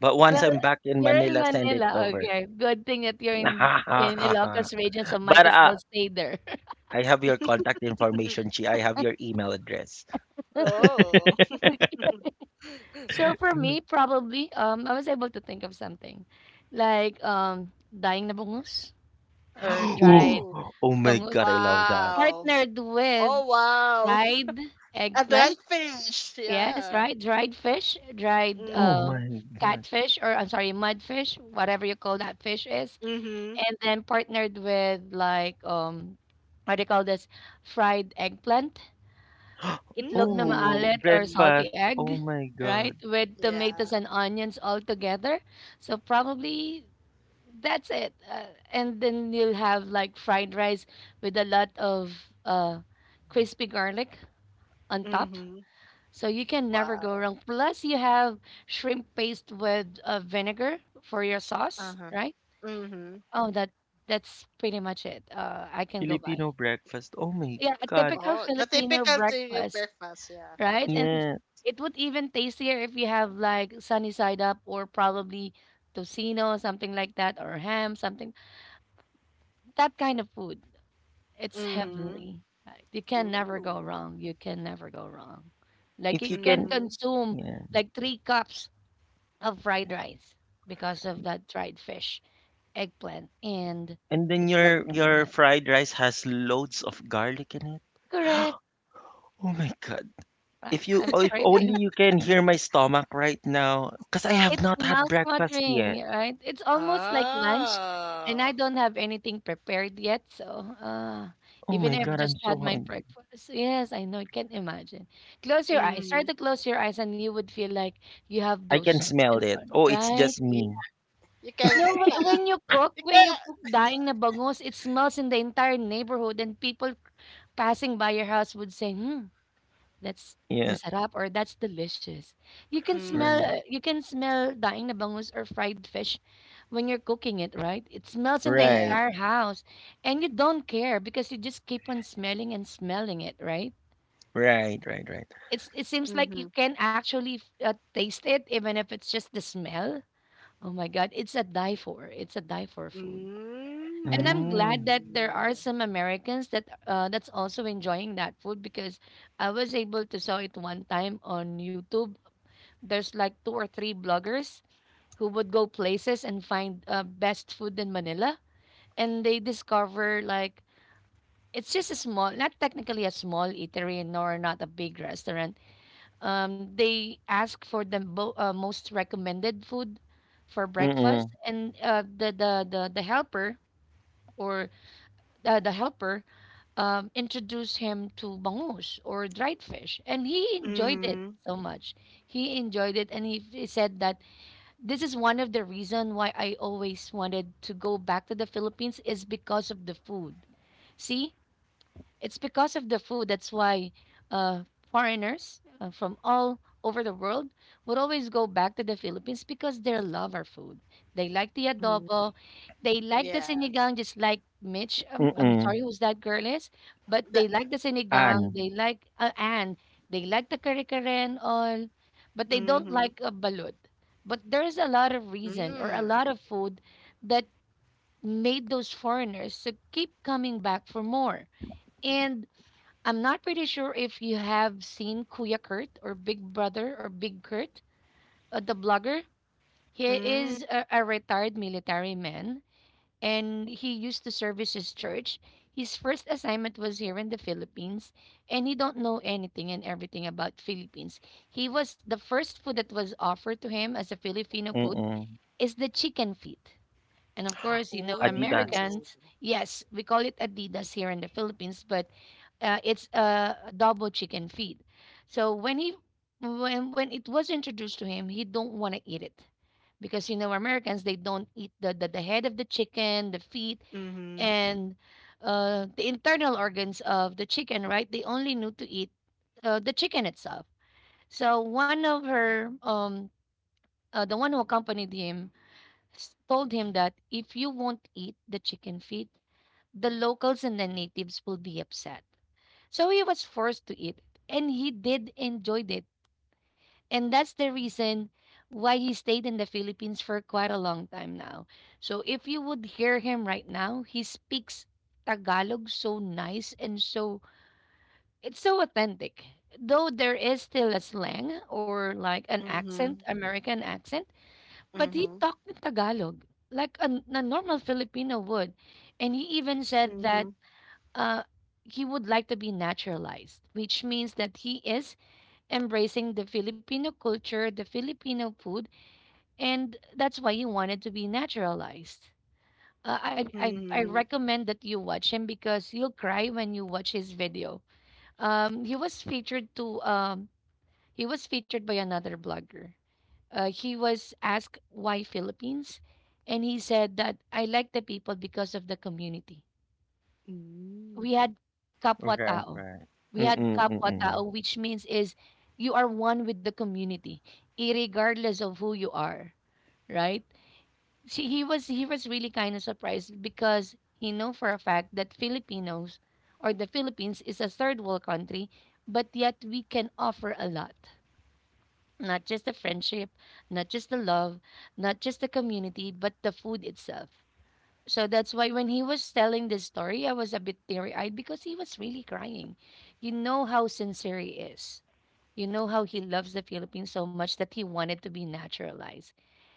[SPEAKER 1] But once
[SPEAKER 3] Well,
[SPEAKER 1] I'm back in
[SPEAKER 3] you're in
[SPEAKER 1] Manila, send it
[SPEAKER 3] Manila.
[SPEAKER 1] over.
[SPEAKER 3] Okay. Good thing that you're in Ilocos region, so
[SPEAKER 1] [LAUGHS]
[SPEAKER 3] might
[SPEAKER 1] But
[SPEAKER 3] as well stay there. [LAUGHS]
[SPEAKER 1] I have your contact information, Chi. I have your email address. [LAUGHS]
[SPEAKER 2] oh.
[SPEAKER 3] So for me, probably, I was able to think of something like dying na bangus or
[SPEAKER 1] [GASPS]
[SPEAKER 3] dried
[SPEAKER 2] Ooh.
[SPEAKER 1] Oh, oh my
[SPEAKER 3] bangus,
[SPEAKER 1] god, I love that.
[SPEAKER 2] Wow.
[SPEAKER 3] partnered with
[SPEAKER 2] Oh, wow. [LAUGHS]
[SPEAKER 3] dried
[SPEAKER 2] A dried
[SPEAKER 3] eggplant.
[SPEAKER 2] fish.
[SPEAKER 3] Yes,
[SPEAKER 2] Yeah.
[SPEAKER 3] right. Dried fish, dried
[SPEAKER 2] Mm.
[SPEAKER 1] Oh my god.
[SPEAKER 3] catfish, or I'm sorry, mudfish, whatever you call that fish is,
[SPEAKER 2] Mm-hmm.
[SPEAKER 3] and then partnered with like what do you call this? Fried eggplant,
[SPEAKER 1] [GASPS]
[SPEAKER 3] itlog na
[SPEAKER 2] Mm.
[SPEAKER 1] Oh,
[SPEAKER 3] maalat or salty
[SPEAKER 1] breakfast.
[SPEAKER 3] egg,
[SPEAKER 1] Oh my
[SPEAKER 3] right?
[SPEAKER 1] god.
[SPEAKER 3] With tomatoes
[SPEAKER 2] Yeah.
[SPEAKER 3] and onions all together. So probably that's it. And then you'll have like fried rice with a lot of uh, crispy garlic on top.
[SPEAKER 2] Mm-hmm.
[SPEAKER 3] So you can never go
[SPEAKER 2] Wow.
[SPEAKER 3] wrong. Plus, you have shrimp paste with vinegar for your sauce,
[SPEAKER 2] Uh-huh.
[SPEAKER 3] right?
[SPEAKER 2] Mm-hmm.
[SPEAKER 3] Oh, that's pretty much it. I can go by.
[SPEAKER 1] Filipino breakfast. Oh my
[SPEAKER 3] Yeah, a
[SPEAKER 1] god.
[SPEAKER 3] typical
[SPEAKER 2] Oh, the
[SPEAKER 3] Filipino
[SPEAKER 2] typical thing of
[SPEAKER 3] breakfast.
[SPEAKER 2] breakfast. Yeah.
[SPEAKER 3] Right? And
[SPEAKER 1] Yeah.
[SPEAKER 3] it would even tastier if you have like sunny side up, or probably tocino, something like that, or ham, something that kind of food. It's
[SPEAKER 2] Mm-hmm.
[SPEAKER 3] heavenly, right? You can never go
[SPEAKER 2] Ooh.
[SPEAKER 3] wrong. You can never go wrong. Like
[SPEAKER 1] If you
[SPEAKER 3] you can
[SPEAKER 1] can,
[SPEAKER 2] Mm-hmm.
[SPEAKER 3] consume
[SPEAKER 1] yeah.
[SPEAKER 3] like three cups of fried rice because of that dried fish, eggplant, and
[SPEAKER 1] And then
[SPEAKER 3] it's
[SPEAKER 1] your
[SPEAKER 3] looking
[SPEAKER 1] your
[SPEAKER 3] like
[SPEAKER 1] fried rice has loads of garlic in it.
[SPEAKER 3] correct,
[SPEAKER 1] Oh my god.
[SPEAKER 3] right?
[SPEAKER 1] If you
[SPEAKER 3] I'm
[SPEAKER 1] oh, if only
[SPEAKER 3] craving.
[SPEAKER 1] you can hear my stomach right now cuz I have
[SPEAKER 3] It's
[SPEAKER 1] not had breakfast yet.
[SPEAKER 3] mouth-watering, right? It's almost like lunch, and I
[SPEAKER 2] Oh.
[SPEAKER 3] don't have anything prepared yet, so,
[SPEAKER 1] Oh
[SPEAKER 3] even
[SPEAKER 1] my
[SPEAKER 3] if I've
[SPEAKER 1] god, I'm
[SPEAKER 3] just
[SPEAKER 1] so
[SPEAKER 3] had my
[SPEAKER 1] hungry.
[SPEAKER 3] breakfast. Yes, I know, I can imagine. Close your eyes. Try
[SPEAKER 2] mm
[SPEAKER 3] to close your eyes, and you would feel like you have
[SPEAKER 1] I
[SPEAKER 3] those
[SPEAKER 1] can smell
[SPEAKER 3] in
[SPEAKER 1] it.
[SPEAKER 3] front,
[SPEAKER 1] Oh, it's
[SPEAKER 3] right?
[SPEAKER 1] just
[SPEAKER 2] Mhm. Yeah.
[SPEAKER 1] me.
[SPEAKER 2] You can
[SPEAKER 3] No,
[SPEAKER 2] yeah. You can
[SPEAKER 3] when you cook daing na bangus, it smells in the entire neighborhood, and people passing by your house would say, "Hmm, that's
[SPEAKER 1] Yeah.
[SPEAKER 3] masarap, or that's delicious.
[SPEAKER 2] mm Mhm.
[SPEAKER 1] Right.
[SPEAKER 3] You can smell daing na bangus or fried fish when you're cooking it, right? It smells in the
[SPEAKER 2] Yeah.
[SPEAKER 1] Right.
[SPEAKER 3] entire house and you don't care because you just keep on smelling and smelling it, right?
[SPEAKER 1] Right, right, right.
[SPEAKER 3] It seems like you
[SPEAKER 2] mm
[SPEAKER 3] can actually taste it even if it's just the smell. Oh my god, it's a die for. It's a die for food. And I'm
[SPEAKER 2] Mhm.
[SPEAKER 3] glad
[SPEAKER 1] Hmm,
[SPEAKER 3] that there are
[SPEAKER 2] Mm.
[SPEAKER 3] some Americans that that's also enjoying that food, because I was able to saw it one time on YouTube. There's like two or three bloggers who would go places and find best food in Manila, and they discover like it's just a small, not technically a small eatery nor not a big restaurant. They ask for the most recommended food for breakfast,
[SPEAKER 1] mm,
[SPEAKER 3] and the helper or the helper introduced him to bangus or dried fish, and he enjoyed it
[SPEAKER 2] Mhm.
[SPEAKER 3] so much. He enjoyed it, and he said that this is one of the reason why I always wanted to go back to the Philippines is because of the food. See, it's because of the food. That's why uh, foreigners from all over the world would always go back to the Philippines because they love our food. They like the
[SPEAKER 2] Mm.
[SPEAKER 3] adobo. They like the
[SPEAKER 2] Yeah.
[SPEAKER 3] sinigang, just like Mitch. I'm
[SPEAKER 1] mm,
[SPEAKER 3] sorry, who's that girl is? But
[SPEAKER 2] That
[SPEAKER 3] they like the sinigang.
[SPEAKER 1] an,
[SPEAKER 3] They like, and they like the kare kare and all. But they don't
[SPEAKER 2] Mhm.
[SPEAKER 3] like a balut. But there is a lot of reason or a
[SPEAKER 2] Mm.
[SPEAKER 3] lot of food that made those foreigners to keep coming back for more. And I'm not pretty sure if you have seen Kuya Kurt or Big Brother or Big Kurt, the blogger. He
[SPEAKER 2] Mm.
[SPEAKER 3] is a retired military man and he used to service his church. His first assignment was here in the Philippines and he don't know anything and everything about Philippines. He was the first food that was offered to him as a Filipino food
[SPEAKER 1] mm,
[SPEAKER 3] is the chicken feet. And of course, you know,
[SPEAKER 1] Adidas.
[SPEAKER 2] Ooh.
[SPEAKER 3] Americans, yes, we call it Adidas here in the Philippines, but it's a double chicken feet. So when he when it was introduced to him, he don't want to eat it because you know Americans they don't eat the head of the chicken, the feet,
[SPEAKER 2] Mhm.
[SPEAKER 3] and the internal organs of the chicken. Right? They only knew to eat the chicken itself. So one of her the one who accompanied him told him that if you won't eat the chicken feet, the locals and the natives will be upset. So he was forced to eat it, and he did enjoy it. And that's the reason why he stayed in the Philippines for quite a long time now. So if you would hear him right now, he speaks Tagalog so nice and so it's so authentic. Though there is still a slang or like an accent,
[SPEAKER 2] mm
[SPEAKER 3] American accent, but he
[SPEAKER 2] Mhm.
[SPEAKER 3] talked in Tagalog like a normal Filipino would. And he even said that
[SPEAKER 2] mm
[SPEAKER 3] uh, he would like to be naturalized, which means that he is embracing the Filipino culture, the Filipino food, and that's why he wanted to be naturalized. I
[SPEAKER 2] Mhm.
[SPEAKER 3] recommend that you watch him because you'll cry when you watch his video. He was featured to he was featured by another blogger. He was asked why Philippines, and he said that I like the people because of the community.
[SPEAKER 2] mm
[SPEAKER 3] We had kapwa
[SPEAKER 1] Right,
[SPEAKER 3] tao.
[SPEAKER 1] right.
[SPEAKER 3] We
[SPEAKER 1] Mm,
[SPEAKER 3] had kapwa
[SPEAKER 1] mm,
[SPEAKER 3] tao, which means is you are one with the community, irregardless of who you are, right? See, he was really kind of surprised because he know for a fact that Filipinos or the Philippines is a third world country, but yet we can offer a lot, not just the friendship, not just the love, not just the community, but the food itself. So that's why when he was telling this story, I was a bit teary eyed because he was really crying. You know how sincere he is. You know how he loves the Philippines so much that he wanted to be naturalized.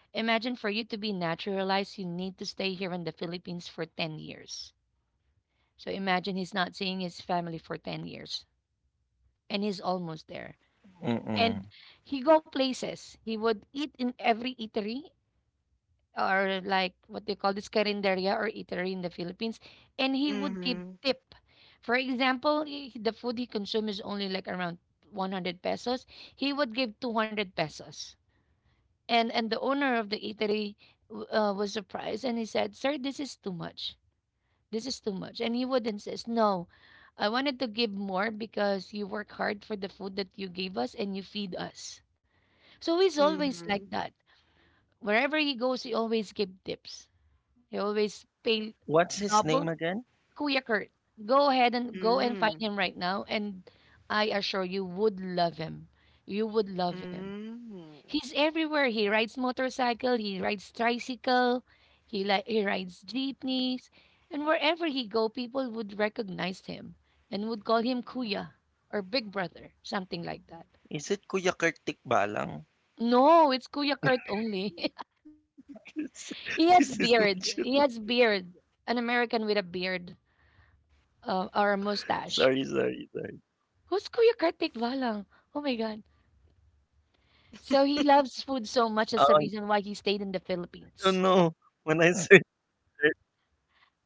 [SPEAKER 3] Imagine, for you to be naturalized, you need to stay here in the Philippines for 10 years. So imagine he's not seeing his family for 10 years and he's almost there.
[SPEAKER 1] mm.
[SPEAKER 3] And he go places. He would eat in every eatery, or like what they call this carinderia or eatery in the Philippines, and he would give
[SPEAKER 2] Mhm.
[SPEAKER 3] tip. For example, the food he consumes is only like around 100 pesos. He would give 200 pesos. And the owner of the eatery was surprised and he said, "Sir, this is too much. This is too much." And he would insist, "No, I wanted to give more because you work hard for the food that you gave us and you feed us." So he's
[SPEAKER 2] mm Mhm. Mm.
[SPEAKER 3] always
[SPEAKER 2] Mhm.
[SPEAKER 3] like
[SPEAKER 2] mm [LAUGHS]
[SPEAKER 3] that. Wherever he goes, he always gives tips, he always pay
[SPEAKER 1] What's his
[SPEAKER 3] double.
[SPEAKER 1] name again?
[SPEAKER 3] Kuya Kurt, go ahead and go and find him right now, and I assure you would love him. You would
[SPEAKER 2] Mhm.
[SPEAKER 3] love him.
[SPEAKER 2] Mm. Mm.
[SPEAKER 3] He's everywhere. He rides motorcycle. He rides tricycle. He rides jeepneys, and wherever he go, people would recognize him and would call him Kuya or Big Brother, something like that.
[SPEAKER 1] Is it Kuya Kartik Balang?
[SPEAKER 3] No, it's Kuya Kurt only.
[SPEAKER 1] [LAUGHS] This
[SPEAKER 3] [LAUGHS]
[SPEAKER 1] is
[SPEAKER 3] He has
[SPEAKER 1] what you
[SPEAKER 3] beard. He has beard. An American with a
[SPEAKER 1] sorry,
[SPEAKER 3] beard.
[SPEAKER 1] sorry, sorry.
[SPEAKER 3] Or a mustache. Who's Kuya Kartik Balang? Oh my God.
[SPEAKER 1] Oh,
[SPEAKER 3] So he loves food so much. That's
[SPEAKER 1] I
[SPEAKER 3] the
[SPEAKER 1] don't
[SPEAKER 3] reason
[SPEAKER 1] know.
[SPEAKER 3] why he stayed in
[SPEAKER 1] When
[SPEAKER 3] the
[SPEAKER 1] I [LAUGHS] search
[SPEAKER 3] Philippines.
[SPEAKER 1] it,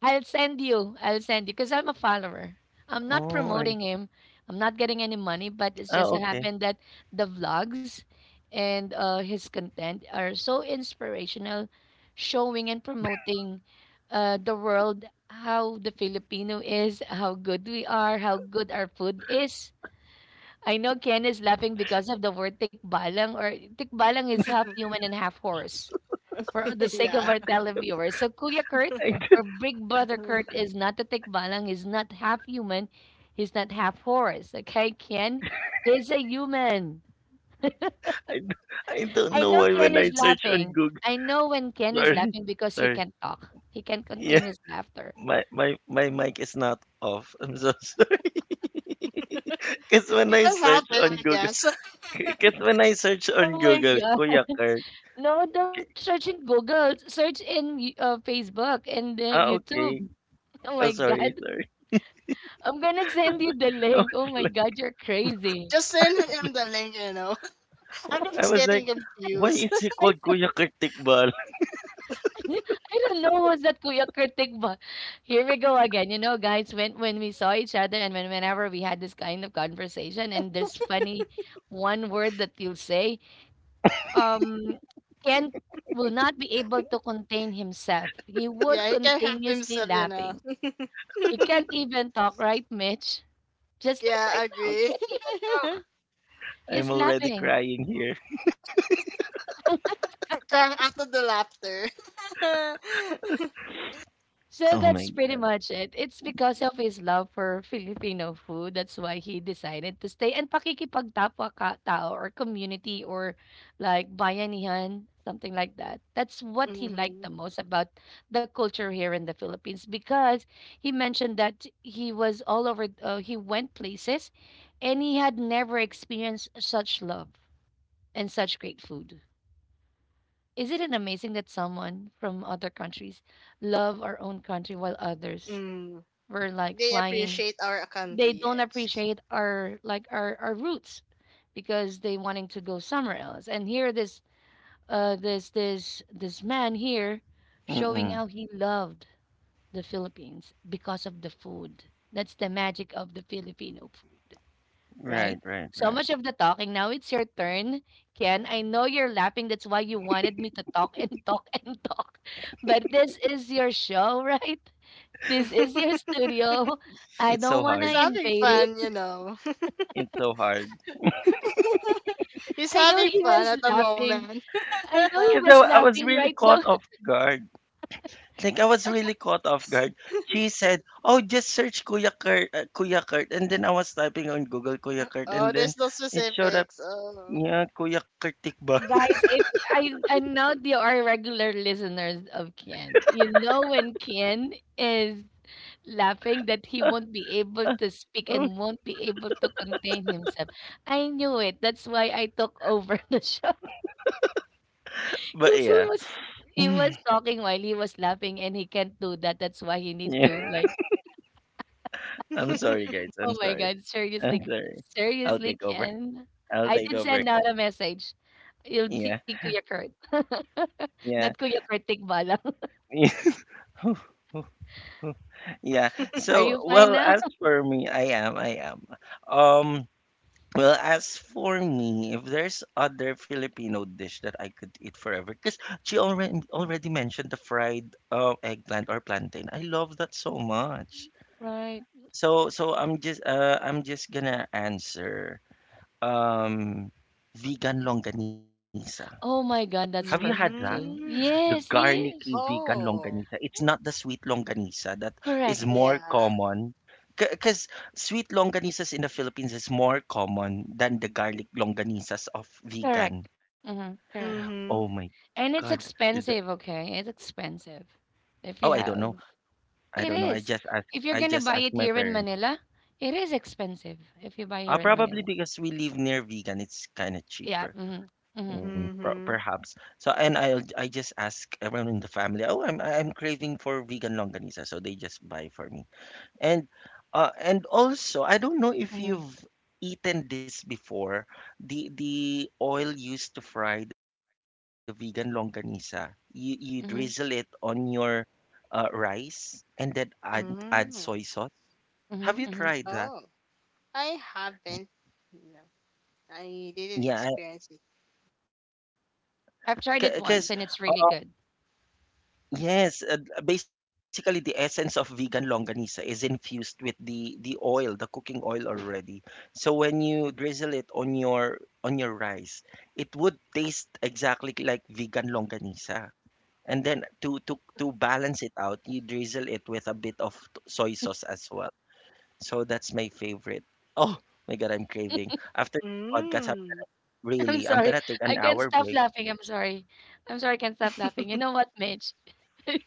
[SPEAKER 3] I'll send you. I'll send you because I'm a
[SPEAKER 1] oh,
[SPEAKER 3] follower. I'm not promoting him. I'm not getting any money,
[SPEAKER 1] okay.
[SPEAKER 3] but it's just so happened that the vlogs and his content are so inspirational, showing and promoting the world how the Filipino is, how good we are, how good our food is. I know Ken is laughing because of the word tikbalang, or tikbalang is half human and half horse, for the
[SPEAKER 2] [LAUGHS]
[SPEAKER 3] sake of
[SPEAKER 2] Yeah.
[SPEAKER 3] our televiewers. So Kuya Kurt
[SPEAKER 1] I, [LAUGHS]
[SPEAKER 3] or Big Brother Kurt is not a tikbalang, he's not half human, he's not half horse. Okay, Ken? He's a human.
[SPEAKER 1] I, I don't
[SPEAKER 3] I
[SPEAKER 1] know
[SPEAKER 3] know
[SPEAKER 1] why
[SPEAKER 3] Ken
[SPEAKER 1] when
[SPEAKER 3] is
[SPEAKER 1] I search on
[SPEAKER 3] laughing.
[SPEAKER 1] Google.
[SPEAKER 3] I know when Ken is
[SPEAKER 1] Sorry,
[SPEAKER 3] laughing because he
[SPEAKER 1] sorry.
[SPEAKER 3] can't talk. He can't
[SPEAKER 1] Yeah.
[SPEAKER 3] contain his laughter.
[SPEAKER 1] My mic is not off. I'm so [LAUGHS] sorry. Cause when
[SPEAKER 2] It
[SPEAKER 1] I
[SPEAKER 2] can
[SPEAKER 1] search
[SPEAKER 2] happen,
[SPEAKER 1] on
[SPEAKER 2] I
[SPEAKER 1] Google,
[SPEAKER 2] guess. [LAUGHS]
[SPEAKER 1] cause when I search on
[SPEAKER 3] Oh my
[SPEAKER 1] Google,
[SPEAKER 3] God.
[SPEAKER 1] Kuya Kurt.
[SPEAKER 3] No,
[SPEAKER 1] Okay,
[SPEAKER 3] don't search in Google. Search in Facebook and
[SPEAKER 1] ah,
[SPEAKER 3] YouTube.
[SPEAKER 1] okay.
[SPEAKER 3] [LAUGHS] Oh
[SPEAKER 1] Oh,
[SPEAKER 3] my
[SPEAKER 1] sorry,
[SPEAKER 3] God.
[SPEAKER 1] sorry.
[SPEAKER 3] I'm gonna send you the
[SPEAKER 1] [LAUGHS] I was
[SPEAKER 3] link. Oh my
[SPEAKER 1] like,
[SPEAKER 3] god, you're crazy.
[SPEAKER 2] Just send him the link, you know. [LAUGHS] I'm
[SPEAKER 1] I
[SPEAKER 2] just
[SPEAKER 1] was like,
[SPEAKER 2] getting
[SPEAKER 1] why
[SPEAKER 2] confused.
[SPEAKER 1] is he
[SPEAKER 3] I
[SPEAKER 1] called
[SPEAKER 3] said,
[SPEAKER 1] Kuya Kurt Tikbal?
[SPEAKER 3] [LAUGHS] I don't know who's that Kuya Kurtik, but here we go again. You know, guys, when we saw each other and whenever we had this kind of conversation and there's funny one word that you'll say, um, Ken will not be able to contain himself. He
[SPEAKER 2] [LAUGHS]
[SPEAKER 3] would
[SPEAKER 2] yeah, he can help
[SPEAKER 3] continuously
[SPEAKER 2] himself, you know.
[SPEAKER 3] laughing. He can't even talk, right, Mitch? Just like
[SPEAKER 2] Yeah,
[SPEAKER 3] right now, he
[SPEAKER 2] agree.
[SPEAKER 3] can't even talk.
[SPEAKER 1] [LAUGHS] I'm
[SPEAKER 3] He's
[SPEAKER 1] already
[SPEAKER 3] laughing.
[SPEAKER 1] crying here.
[SPEAKER 2] [LAUGHS] Crying out of the laughter. [LAUGHS]
[SPEAKER 3] So
[SPEAKER 1] Oh my
[SPEAKER 3] that's
[SPEAKER 1] god.
[SPEAKER 3] pretty much it. It's because of his love for Filipino food. That's why he decided to stay, and pakikipagtapwa ka tao or community or like bayanihan, something like that. That's what he liked
[SPEAKER 2] mm-hmm.
[SPEAKER 3] the most about the culture here in the Philippines, because he mentioned that he was all over, he went places and he had never experienced such love and such great food. Isn't it amazing that someone from other countries love our own country while others
[SPEAKER 2] mm.
[SPEAKER 3] we're like
[SPEAKER 2] They
[SPEAKER 3] flying.
[SPEAKER 2] appreciate our country,
[SPEAKER 3] They don't
[SPEAKER 2] yes.
[SPEAKER 3] appreciate our like our roots because they wanting to go somewhere else. And here, this this man here showing how
[SPEAKER 1] Mm-mm.
[SPEAKER 3] he loved the Philippines because of the food. That's the magic of the Filipino food, right?
[SPEAKER 1] Right, right,
[SPEAKER 3] So
[SPEAKER 1] right.
[SPEAKER 3] much of the talking. Now it's your turn, Ken. I know you're laughing. That's why you wanted me to talk and talk and talk. [LAUGHS] But this is your show, [LAUGHS] right? This is
[SPEAKER 2] [LAUGHS]
[SPEAKER 3] your studio. I
[SPEAKER 1] It's
[SPEAKER 3] don't
[SPEAKER 1] so
[SPEAKER 3] want to
[SPEAKER 2] He's
[SPEAKER 1] hard.
[SPEAKER 2] having
[SPEAKER 3] invade it.
[SPEAKER 2] fun, you know.
[SPEAKER 1] It's so hard.
[SPEAKER 2] [LAUGHS] He's
[SPEAKER 3] I know
[SPEAKER 2] having
[SPEAKER 3] he
[SPEAKER 2] fun
[SPEAKER 3] was
[SPEAKER 2] at the
[SPEAKER 3] laughing.
[SPEAKER 2] moment. [LAUGHS]
[SPEAKER 3] I know he
[SPEAKER 1] Cause
[SPEAKER 3] was
[SPEAKER 1] I was
[SPEAKER 3] laughing
[SPEAKER 1] really
[SPEAKER 3] right
[SPEAKER 1] caught
[SPEAKER 3] now.
[SPEAKER 1] off guard. Like, I was really caught off guard. She said, "Oh, just search Kuya Kurt, Kuya Kurt." And then I was typing on Google Kuya Kurt, and
[SPEAKER 2] oh,
[SPEAKER 1] then
[SPEAKER 2] there's no
[SPEAKER 1] it showed up,
[SPEAKER 2] specifics. Oh.
[SPEAKER 1] yeah, Kuya Kurt Tikba.
[SPEAKER 3] [LAUGHS]
[SPEAKER 1] [LAUGHS]
[SPEAKER 3] Guys, if I know they are regular listeners of Ken. You know when Ken is laughing that he won't be able to speak
[SPEAKER 1] Oh,
[SPEAKER 3] and won't be able to contain himself. I knew it. That's why I took over [LAUGHS] the show.
[SPEAKER 1] but
[SPEAKER 3] Because
[SPEAKER 1] yeah,
[SPEAKER 3] he
[SPEAKER 1] [SIGHS]
[SPEAKER 3] was talking while he was laughing and he can't do that. That's why he need
[SPEAKER 1] [LAUGHS]
[SPEAKER 3] to
[SPEAKER 1] yeah.
[SPEAKER 3] like—
[SPEAKER 1] I'm sorry,
[SPEAKER 2] [LAUGHS]
[SPEAKER 1] guys. I'm
[SPEAKER 3] Oh my
[SPEAKER 1] sorry.
[SPEAKER 3] god,
[SPEAKER 1] I'm
[SPEAKER 3] seriously,
[SPEAKER 1] sorry. I'll
[SPEAKER 3] seriously,
[SPEAKER 1] take over.
[SPEAKER 3] Ken?
[SPEAKER 1] I'll
[SPEAKER 3] I
[SPEAKER 1] take
[SPEAKER 3] did
[SPEAKER 1] over
[SPEAKER 3] send out
[SPEAKER 1] again.
[SPEAKER 3] a message. You'll
[SPEAKER 1] Yeah,
[SPEAKER 3] see Kuya Kurt. [LAUGHS] Not
[SPEAKER 1] yeah,
[SPEAKER 3] Kuya Kurt Tikbalang.
[SPEAKER 1] [LAUGHS] yeah.
[SPEAKER 3] [LAUGHS] Are
[SPEAKER 1] So,
[SPEAKER 3] you fine
[SPEAKER 1] well,
[SPEAKER 3] now?
[SPEAKER 1] as
[SPEAKER 3] [LAUGHS]
[SPEAKER 1] for me, I am. Um, Well, as for me, if there's other Filipino dish that I could eat forever, because she already mentioned the fried eggplant or plantain. I love that so much.
[SPEAKER 3] Right.
[SPEAKER 1] So I'm just I'm just gonna answer um vegan longanisa.
[SPEAKER 3] Oh my
[SPEAKER 1] Have you
[SPEAKER 3] god,
[SPEAKER 1] had
[SPEAKER 3] that's
[SPEAKER 1] that?
[SPEAKER 3] perfect too.
[SPEAKER 1] The
[SPEAKER 2] mm.
[SPEAKER 3] Yes,
[SPEAKER 1] garlicky
[SPEAKER 3] yes.
[SPEAKER 1] vegan
[SPEAKER 2] Oh.
[SPEAKER 1] longanisa. It's not the sweet longanisa that
[SPEAKER 3] Correct.
[SPEAKER 1] is more
[SPEAKER 2] Yeah.
[SPEAKER 1] common. Because sweet longanisas in the Philippines is more common than the garlic longanisas of
[SPEAKER 3] Correct.
[SPEAKER 1] vegan.
[SPEAKER 3] Mm-hmm, correct.
[SPEAKER 1] Oh
[SPEAKER 2] Mm-hmm.
[SPEAKER 1] my
[SPEAKER 3] And it's
[SPEAKER 1] God. The-
[SPEAKER 3] expensive, okay? It's expensive. If you
[SPEAKER 1] oh, I don't know.
[SPEAKER 3] have, it
[SPEAKER 1] I don't know.
[SPEAKER 3] is. If you're
[SPEAKER 1] I
[SPEAKER 3] gonna buy
[SPEAKER 1] just
[SPEAKER 3] it
[SPEAKER 1] asked
[SPEAKER 3] here
[SPEAKER 1] my
[SPEAKER 3] in
[SPEAKER 1] parents.
[SPEAKER 3] Manila, it is expensive if you buy here in Manila.
[SPEAKER 1] Probably because we live near vegan, it's kind of
[SPEAKER 3] Yeah.
[SPEAKER 1] cheaper.
[SPEAKER 3] Mm-hmm, mm-hmm,
[SPEAKER 2] Mm-hmm.
[SPEAKER 1] Perhaps. So, and I just ask everyone in the family, oh, I'm craving for vegan longanisa, so they just buy for me. And and also, I don't know if
[SPEAKER 3] mm-hmm.
[SPEAKER 1] you've eaten this before, the oil used to fry the vegan longanisa. You drizzle it on
[SPEAKER 3] Mhm,
[SPEAKER 1] your rice and then add soy sauce.
[SPEAKER 2] Mm.
[SPEAKER 1] Have you tried
[SPEAKER 3] mhm,
[SPEAKER 1] that?
[SPEAKER 3] mhm.
[SPEAKER 2] Oh, I haven't. No, I
[SPEAKER 1] Yeah,
[SPEAKER 2] didn't experience it.
[SPEAKER 3] I've
[SPEAKER 1] because
[SPEAKER 3] tried it once and it's
[SPEAKER 2] Mm.
[SPEAKER 3] really good.
[SPEAKER 1] yes, basically the essence of vegan longanisa is infused with the oil, the cooking oil already. So when you drizzle it on your rice, it would taste exactly like vegan longanisa. And then to balance it out, you drizzle it with a bit of soy sauce as well. So that's my favorite. Oh my God, I'm craving. After this podcast, I'm
[SPEAKER 2] Mm.
[SPEAKER 3] [LAUGHS]
[SPEAKER 1] really,
[SPEAKER 3] I'm
[SPEAKER 1] I'm gonna
[SPEAKER 3] sorry.
[SPEAKER 1] take an
[SPEAKER 3] I
[SPEAKER 1] hour
[SPEAKER 3] can't
[SPEAKER 1] break.
[SPEAKER 3] stop laughing. I'm sorry. I'm sorry. I can't stop laughing. You know what, Mitch? [LAUGHS]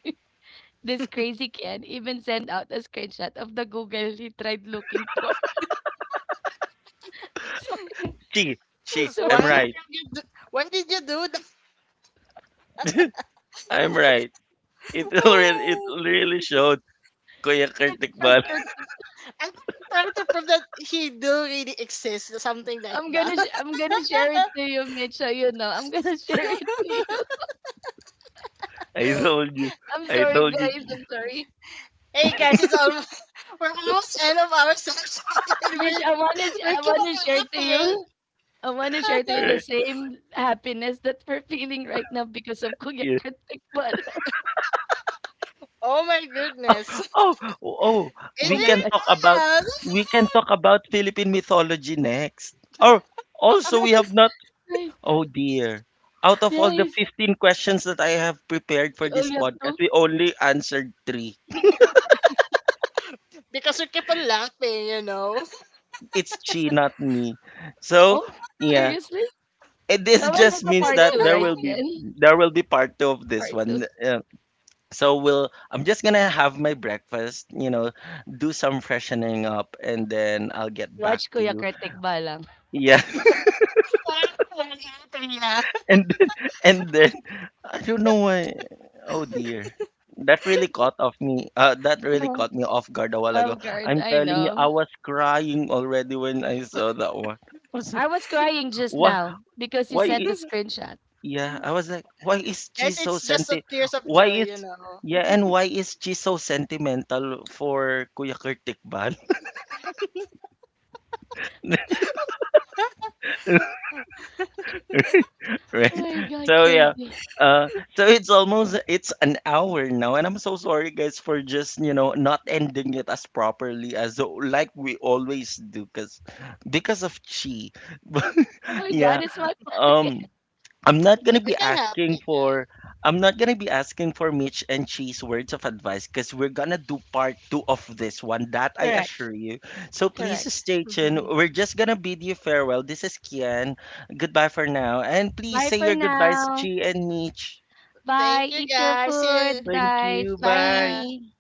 [SPEAKER 3] This crazy kid even sent out a screenshot of the Google he tried looking for. [LAUGHS] I'm so,
[SPEAKER 1] Gee, she,
[SPEAKER 3] so sorry.
[SPEAKER 1] I'm
[SPEAKER 2] Why did
[SPEAKER 1] right.
[SPEAKER 2] you do, why did you do that?
[SPEAKER 1] [LAUGHS] I'm right. It really it
[SPEAKER 2] [LAUGHS]
[SPEAKER 1] really showed,
[SPEAKER 3] [LAUGHS] It's
[SPEAKER 1] Kuya
[SPEAKER 3] really
[SPEAKER 1] Kurt Tikbal.
[SPEAKER 3] short Gertie.
[SPEAKER 2] I'm trying to prove that he do really exist, something like that.
[SPEAKER 3] I'm gonna share it
[SPEAKER 2] [LAUGHS]
[SPEAKER 3] to you, Mitch. So you know, I'm gonna [LAUGHS] share it to you.
[SPEAKER 1] [LAUGHS] I told you.
[SPEAKER 3] I'm
[SPEAKER 1] I
[SPEAKER 3] sorry,
[SPEAKER 1] told you.
[SPEAKER 3] guys.
[SPEAKER 1] G.
[SPEAKER 3] I'm sorry,
[SPEAKER 2] hey guys, it's almost [LAUGHS] we're almost end of our session, [LAUGHS] and
[SPEAKER 3] Mitch.
[SPEAKER 2] we're we
[SPEAKER 3] I
[SPEAKER 2] keep
[SPEAKER 3] wanna share
[SPEAKER 2] on
[SPEAKER 3] to
[SPEAKER 2] laughing.
[SPEAKER 3] you. I wanna share to you the
[SPEAKER 2] [LAUGHS]
[SPEAKER 1] [LAUGHS]
[SPEAKER 3] same happiness that we're feeling right now because of Kuya
[SPEAKER 1] Yeah.
[SPEAKER 3] Kat Tikman. [LAUGHS]
[SPEAKER 2] oh my goodness, [LAUGHS]
[SPEAKER 1] Oh, oh,
[SPEAKER 2] it
[SPEAKER 1] we
[SPEAKER 3] Oh my
[SPEAKER 1] can
[SPEAKER 3] god.
[SPEAKER 1] talk
[SPEAKER 2] is
[SPEAKER 1] about we
[SPEAKER 2] us
[SPEAKER 1] can talk about Philippine mythology next. Or also we have
[SPEAKER 3] Nice,
[SPEAKER 1] not
[SPEAKER 3] nice,
[SPEAKER 1] oh dear. Out of all the
[SPEAKER 3] nice.
[SPEAKER 1] 15 questions that I have prepared for
[SPEAKER 3] We
[SPEAKER 1] this
[SPEAKER 3] only have
[SPEAKER 1] podcast,
[SPEAKER 3] 2?
[SPEAKER 1] we only answered 3.
[SPEAKER 2] [LAUGHS] because we keep on laughing, you know.
[SPEAKER 1] It's she not me. So,
[SPEAKER 3] Oh,
[SPEAKER 1] yeah.
[SPEAKER 3] seriously?
[SPEAKER 1] And this
[SPEAKER 3] Oh, we'll have
[SPEAKER 1] just
[SPEAKER 3] a
[SPEAKER 1] means
[SPEAKER 3] part
[SPEAKER 1] that
[SPEAKER 3] 2,
[SPEAKER 1] there
[SPEAKER 3] right,
[SPEAKER 1] will
[SPEAKER 2] [LAUGHS]
[SPEAKER 1] be
[SPEAKER 3] Yen?
[SPEAKER 1] there will be part two of this
[SPEAKER 3] Part 2.
[SPEAKER 1] one. So we'll I'm just gonna have my breakfast, you know, do some freshening up and then I'll get back
[SPEAKER 3] Watch
[SPEAKER 1] to
[SPEAKER 3] Kuya
[SPEAKER 1] you.
[SPEAKER 3] Kat Tikman lang.
[SPEAKER 1] Yeah. [LAUGHS]
[SPEAKER 2] Later, yeah.
[SPEAKER 1] And then, and then I don't know why oh dear. That really caught off me. That really
[SPEAKER 3] [LAUGHS]
[SPEAKER 1] caught me off guard a while
[SPEAKER 3] Oh
[SPEAKER 1] ago.
[SPEAKER 3] god,
[SPEAKER 1] I'm
[SPEAKER 3] I
[SPEAKER 1] telling you,
[SPEAKER 3] know.
[SPEAKER 1] I was crying already when I saw that one. I was like,
[SPEAKER 3] I was crying just
[SPEAKER 1] why
[SPEAKER 3] now because you
[SPEAKER 1] why
[SPEAKER 3] sent the
[SPEAKER 1] i-
[SPEAKER 3] screenshot.
[SPEAKER 1] yeah, I was like, why is
[SPEAKER 2] [LAUGHS]
[SPEAKER 1] she
[SPEAKER 2] Guys,
[SPEAKER 1] so
[SPEAKER 2] it's just a
[SPEAKER 1] senti
[SPEAKER 2] tears of
[SPEAKER 1] why
[SPEAKER 2] joy,
[SPEAKER 1] is
[SPEAKER 2] you know.
[SPEAKER 1] yeah, and why is she so sentimental for Kuya Kirtik
[SPEAKER 3] Oh
[SPEAKER 1] right
[SPEAKER 3] my
[SPEAKER 1] [LAUGHS]
[SPEAKER 3] god,
[SPEAKER 1] so yeah
[SPEAKER 3] crazy.
[SPEAKER 1] uh so it's almost it's an hour now and I'm so sorry guys for just you know not ending it as properly as like we always do because of chi [LAUGHS]
[SPEAKER 3] Oh my god,
[SPEAKER 1] yeah
[SPEAKER 3] it's my fault.
[SPEAKER 1] um I'm not gonna
[SPEAKER 2] We
[SPEAKER 1] be
[SPEAKER 2] can help
[SPEAKER 1] asking
[SPEAKER 2] it, yeah.
[SPEAKER 1] for I'm not gonna be asking for Mitch and Cheese words of advice because we're gonna do part two of this one, that I assure
[SPEAKER 3] Correct,
[SPEAKER 1] you. So please
[SPEAKER 3] correct.
[SPEAKER 1] stay tuned.
[SPEAKER 2] [LAUGHS]
[SPEAKER 1] We're just gonna bid you farewell. This is Kian. Goodbye for now. And please
[SPEAKER 3] Bye
[SPEAKER 1] say
[SPEAKER 3] for
[SPEAKER 1] your goodbyes,
[SPEAKER 3] now.
[SPEAKER 1] Chi and Mitch.
[SPEAKER 3] Bye.
[SPEAKER 2] Thank you
[SPEAKER 3] Eat your
[SPEAKER 2] guys. See you.
[SPEAKER 3] food,
[SPEAKER 1] Thank
[SPEAKER 3] guys.
[SPEAKER 1] you. Bye.
[SPEAKER 2] Yeah.
[SPEAKER 3] Bye.